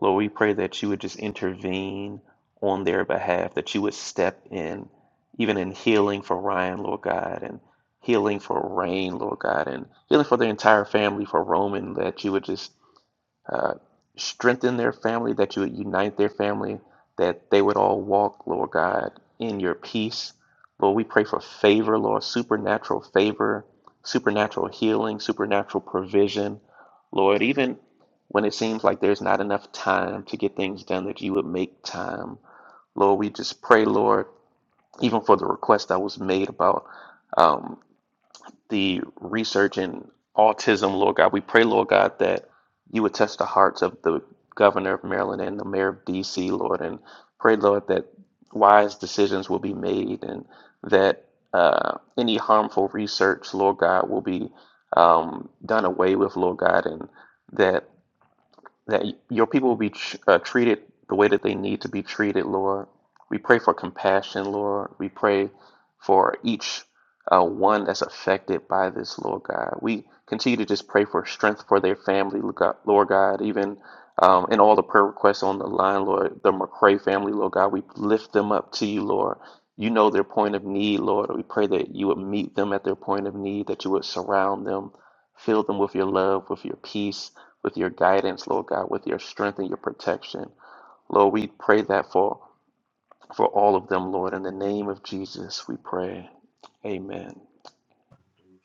S2: Lord, we pray that you would just intervene on their behalf, that you would step in, even in healing for Ryan, Lord God, and healing for Rain, Lord God, and healing for the entire family, for Roman, that you would just uh, strengthen their family, that you would unite their family, that they would all walk, Lord God, in your peace. Lord, we pray for favor, Lord, supernatural favor, supernatural healing, supernatural provision. Lord, even when it seems like there's not enough time to get things done, that you would make time. Lord, we just pray, Lord, even for the request that was made about um, the research in autism, Lord God, we pray, Lord God, that you would touch the hearts of the governor of Maryland and the mayor of DC, Lord, and pray, Lord, that wise decisions will be made and that uh, any harmful research, Lord God, will be um, done away with, Lord God, and that that your people will be tr- uh, treated the way that they need to be treated, Lord. We pray for compassion, Lord. We pray for each uh, one that's affected by this, Lord God. We continue to just pray for strength for their family, Lord God, Lord God, even um, in all the prayer requests on the line, Lord, the McCray family, Lord God, we lift them up to you, Lord. You know their point of need, Lord. We pray that you would meet them at their point of need, that you would surround them Fill them with your love, with your peace, with your guidance, Lord God, with your strength and your protection. Lord, we pray that for, for all of them, Lord. In the name of Jesus, we pray. Amen.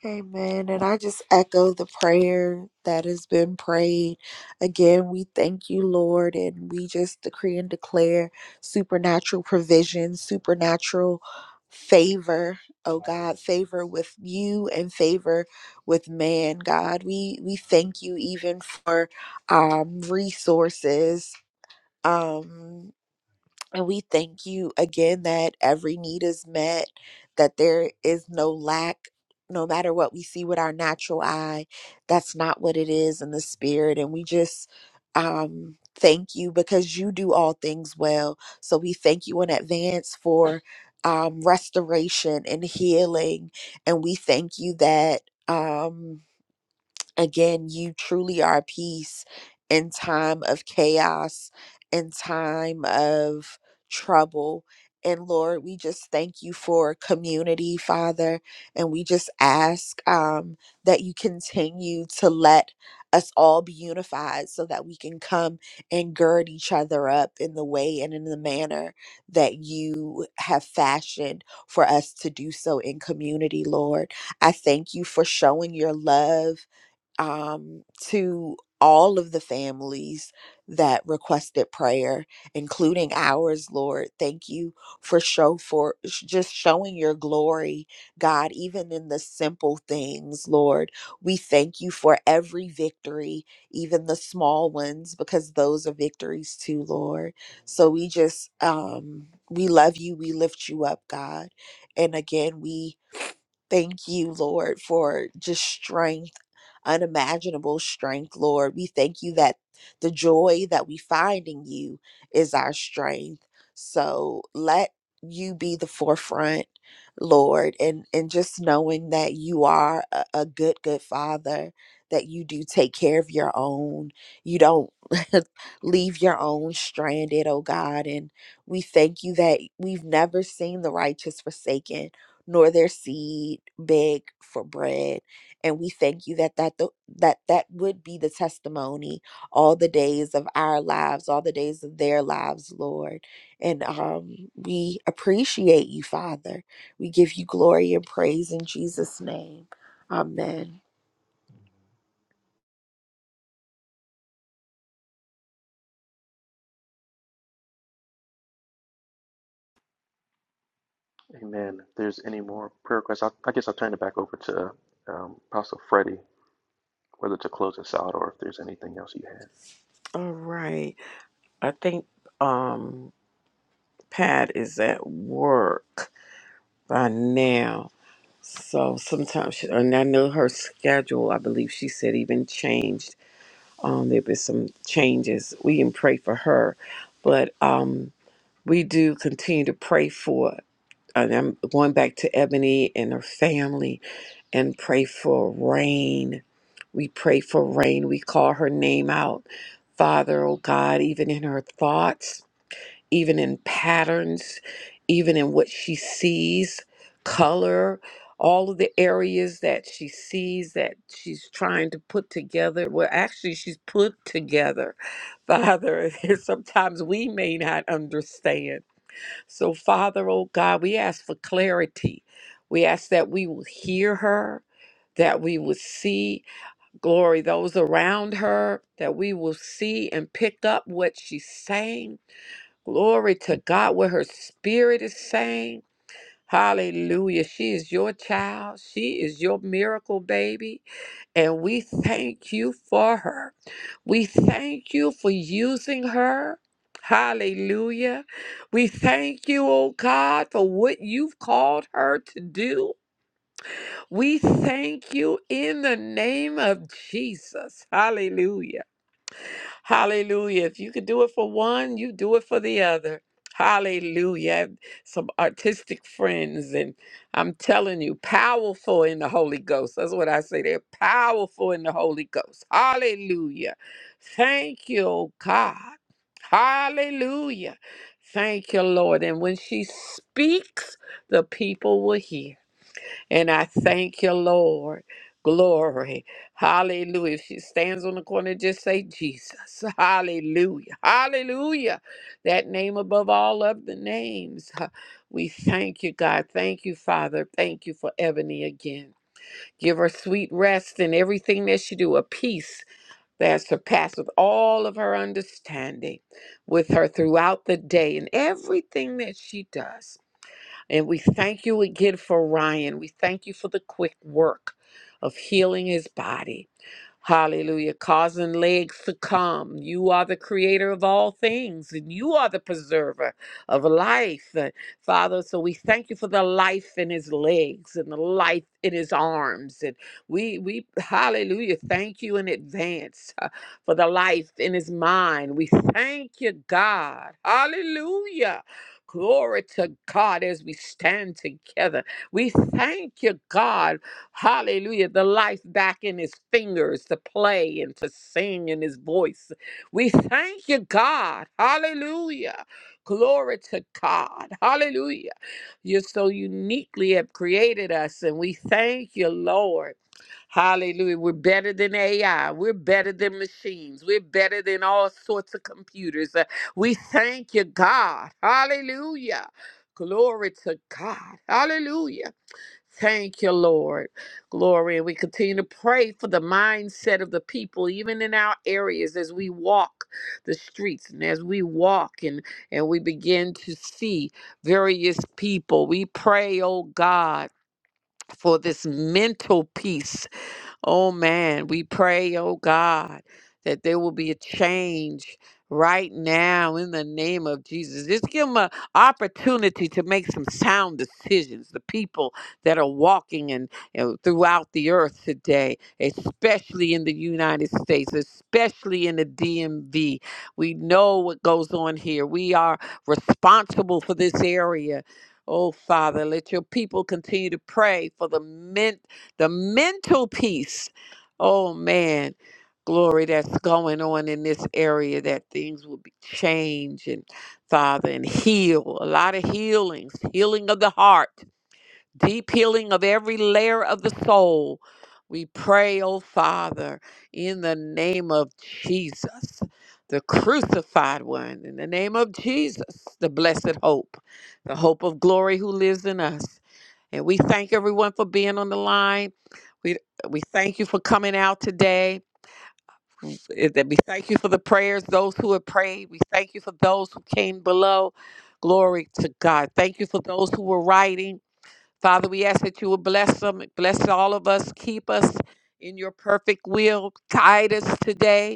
S6: Amen. And I just echo the prayer that has been prayed. Again, we thank you, Lord, and we just decree and declare supernatural provision, supernatural favor, oh God, favor with you and favor with man, God. We we thank you even for um resources. Um and we thank you again that every need is met, that there is no lack, no matter what we see with our natural eye. That's not what it is in the spirit. And we just um, thank you because you do all things well. So we thank you in advance for um, restoration and healing. And we thank you that. Um, again, you truly are peace in time of chaos, in time of trouble. And Lord, we just thank you for community, Father. And we just ask um, that you continue to let us all be unified so that we can come and gird each other up in the way and in the manner that you have fashioned for us to do so in community, Lord. I thank you for showing your love um, to all of the families that requested prayer, including ours, Lord. Thank you for show for sh- just showing your glory, God, even in the simple things, Lord. We thank you for every victory, even the small ones, because those are victories too, Lord. So we just um we love you, we lift you up, God. And again, we thank you, Lord, for just strength unimaginable strength, Lord. We thank you that the joy that we find in you is our strength. So let you be the forefront, Lord, and, and just knowing that you are a, a good, good father, that you do take care of your own. You don't [laughs] leave your own stranded, oh God. And we thank you that we've never seen the righteous forsaken, nor their seed beg for bread and we thank you that that th- that that would be the testimony all the days of our lives all the days of their lives lord and um we appreciate you father we give you glory and praise in jesus name amen
S2: Amen. If there's any more prayer requests, I, I guess I'll turn it back over to um, Apostle Freddie, whether to close us out or if there's anything else you have.
S1: All right. I think um Pat is at work. by now. So sometimes, she, and I know her schedule, I believe she said even changed. Um, there been some changes. We can pray for her, but um, we do continue to pray for. And I'm going back to Ebony and her family and pray for rain. We pray for rain. We call her name out, Father, oh God, even in her thoughts even in patterns, even in what she sees, color, all of the areas that she sees that she's trying to put together. Well, actually, she's put together, Father. [laughs] and Sometimes we may not understand. So, Father, oh God, we ask for clarity. We ask that we will hear her. That we will see glory those around her, that we will see and pick up what she's saying, Glory to God, what her spirit is saying. Hallelujah. She is your child. She is your miracle baby. And we thank you for her. We thank you for using her. Hallelujah. We thank you, oh God, for what you've called her to do. We thank you in the name of Jesus. Hallelujah. Hallelujah. If you could do it for one, you do it for the other. Hallelujah. I have Some artistic friends, and I'm telling you, powerful in the Holy Ghost. That's what I say. They're powerful in the Holy Ghost. Hallelujah. Thank you, oh God. Hallelujah. Thank you, Lord. And when she speaks, the people will hear. And I thank you, Lord. Glory. Hallelujah. If she stands on the corner, just say Jesus. [laughs] Hallelujah. Hallelujah. That name above all of the names. [laughs] Ha- We thank you, God. Thank you, Father. Thank you for Ebony again. Give her sweet rest in everything that she do, a peace that surpasses all of her understanding with her throughout the day and everything that she does. And we thank you again for Ryan. We thank you for the quick work of healing his body. Hallelujah. Causing legs to come. You are the creator of all things, and you are the preserver of life. Uh, Father, so we thank you for the life in his legs and the life in his arms. And we we hallelujah, thank you in advance uh, for the life in his mind. We thank you, God. Hallelujah. Glory to God as we stand together. We thank you, God. Hallelujah. The life back in his fingers to play and to sing in his voice. We thank you, God. Hallelujah. Glory to God. Hallelujah. You so uniquely have created us, and we thank you, Lord. Hallelujah. We're better than AI. We're better than machines. We're better than all sorts of computers. Uh, We thank you, God. Hallelujah. Glory to God. Hallelujah. Thank you, Lord. Glory. And we continue to pray for the mindset of the people, even in our areas, as we walk the streets and as we walk and, and we begin to see various people. We pray, oh God, for this mental peace Oh man, we pray, oh God, that there will be a change right now in the name of Jesus. Just give them an opportunity to make some sound decisions. The people that are walking and, throughout the earth today, especially in the United States, especially in the DMV. We know what goes on here. We are responsible for this area. Oh, Father, let your people continue to pray for the men the mental peace. Oh man, glory that's going on in this area that things will be changed and Father and heal. A lot of healings, healing of the heart, deep healing of every layer of the soul. We pray, oh Father, in the name of Jesus, the crucified one, in the name of Jesus, the blessed hope, the hope of glory who lives in us. And we thank everyone for being on the line. We we thank you for coming out today. that We thank you for the prayers, those who have prayed. We thank you for those who came below. Glory to God. Thank you for those who were writing. Father, we ask that you would bless them, bless all of us, keep us in your perfect will, guide us today.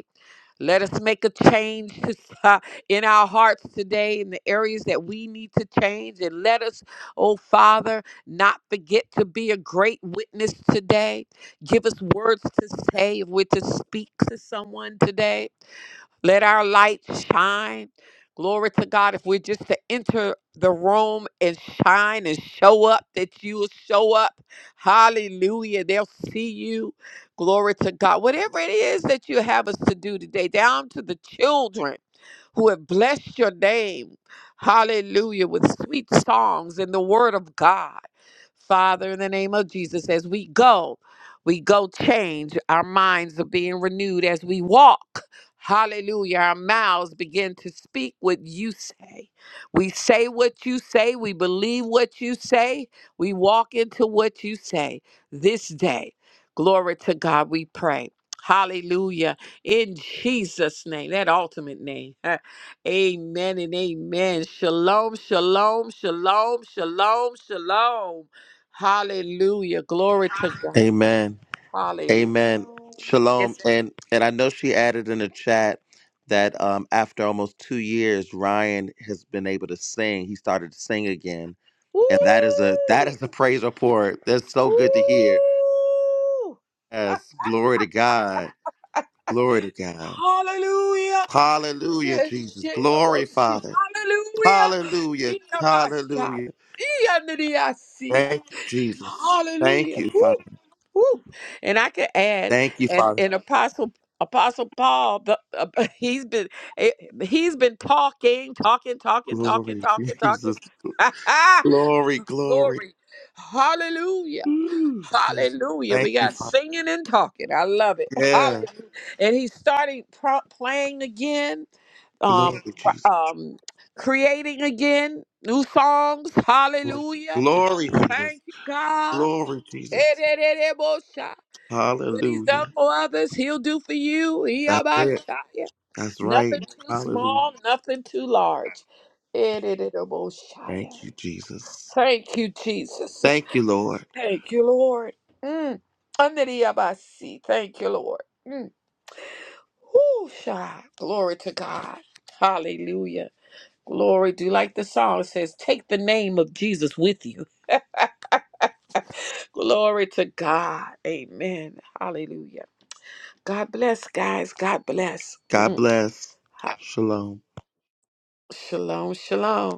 S1: Let us make a change to [laughs] in our hearts today in the areas that we need to change. And let us, oh Father, not forget to be a great witness today. Give us words to say if we're to speak to someone today. Let our light shine. Glory to God. If we're just to enter the room and shine and show up, that you will show up. Hallelujah. They'll see you. Glory to God. Whatever it is that you have us to do today, down to the children who have blessed your name, hallelujah, with sweet songs and the word of God. Father, in the name of Jesus, as we go, we go change. Our minds are being renewed as we walk. Hallelujah. Our mouths begin to speak what you say. We say what you say. We believe what you say. We walk into what you say this day. Glory to God, we pray. Hallelujah. In Jesus' name, that ultimate name. [laughs] Amen and amen. Shalom, shalom, shalom, shalom, shalom. Hallelujah. Glory to God.
S4: Amen.
S1: Hallelujah.
S4: Amen. Shalom.
S1: Yes.
S4: And and I know she added in the chat that um, after almost two years, Ryan has been able to sing. He started to sing again, and that is a that
S1: Ooh.
S4: is a praise report. That's so good to hear.
S1: Ooh. [laughs]
S4: Yes,
S1: Ah,
S4: glory to God. Glory to God.
S1: Hallelujah.
S4: Hallelujah,
S1: Yes,
S4: Jesus.
S1: yeah, I'm
S4: Glory,
S1: gonna see.
S4: Father.
S1: Hallelujah.
S4: Hallelujah.
S1: Iyamashai.
S4: Hallelujah.
S1: Iyanidiasi.
S4: Thank you, Jesus. Thank
S1: Hallelujah.
S4: you,
S1: Woo,
S4: Father.
S1: woo. And I could add,
S4: Thank you,
S1: and
S4: Father.
S1: and Apostle Apostle Paul, the, uh, [laughs] he's been eh, he's been talking, talking, talking, talking,
S4: Glory,
S1: talking,
S4: [laughs]
S1: talking.
S4: Jesus.
S1: [laughs]
S4: Glory, glory.
S1: Glory. Hallelujah.
S4: Ooh, Jesus.
S1: Hallelujah.
S4: Thank
S1: We
S4: you,
S1: got
S4: Father.
S1: singing and talking. I love it. [laughs]
S4: Yeah.
S1: Hallelujah. And he started pro- playing again,
S4: Glory,
S1: um, r-
S4: Jesus.
S1: um, creating again, new songs. Hallelujah.
S4: Glory, Jesus.
S1: Thank you, God.
S4: Glory, Jesus.
S1: Erererebosa. What he's
S4: Hallelujah.
S1: done for others, he'll do for you.
S4: That's it.
S1: Iyabashaya.
S4: That's
S1: Nothing
S4: right.
S1: too
S4: Hallelujah.
S1: small, nothing too large. Ererereboshaya.
S4: Thank you, Jesus.
S1: Thank you, Jesus.
S4: Thank you, Lord.
S1: Thank you, Lord. Mm. Anderiyabasi. Thank you, Lord. Mm. Whoo, sha. Glory to God. Hallelujah. Glory. Do you like the song? It says, Take the name of Jesus with you. Glory to God. Amen. Hallelujah. God bless, guys. God bless.
S4: God
S1: Mm.
S4: bless.
S1: Ha-
S4: Shalom.
S1: Shalom, shalom.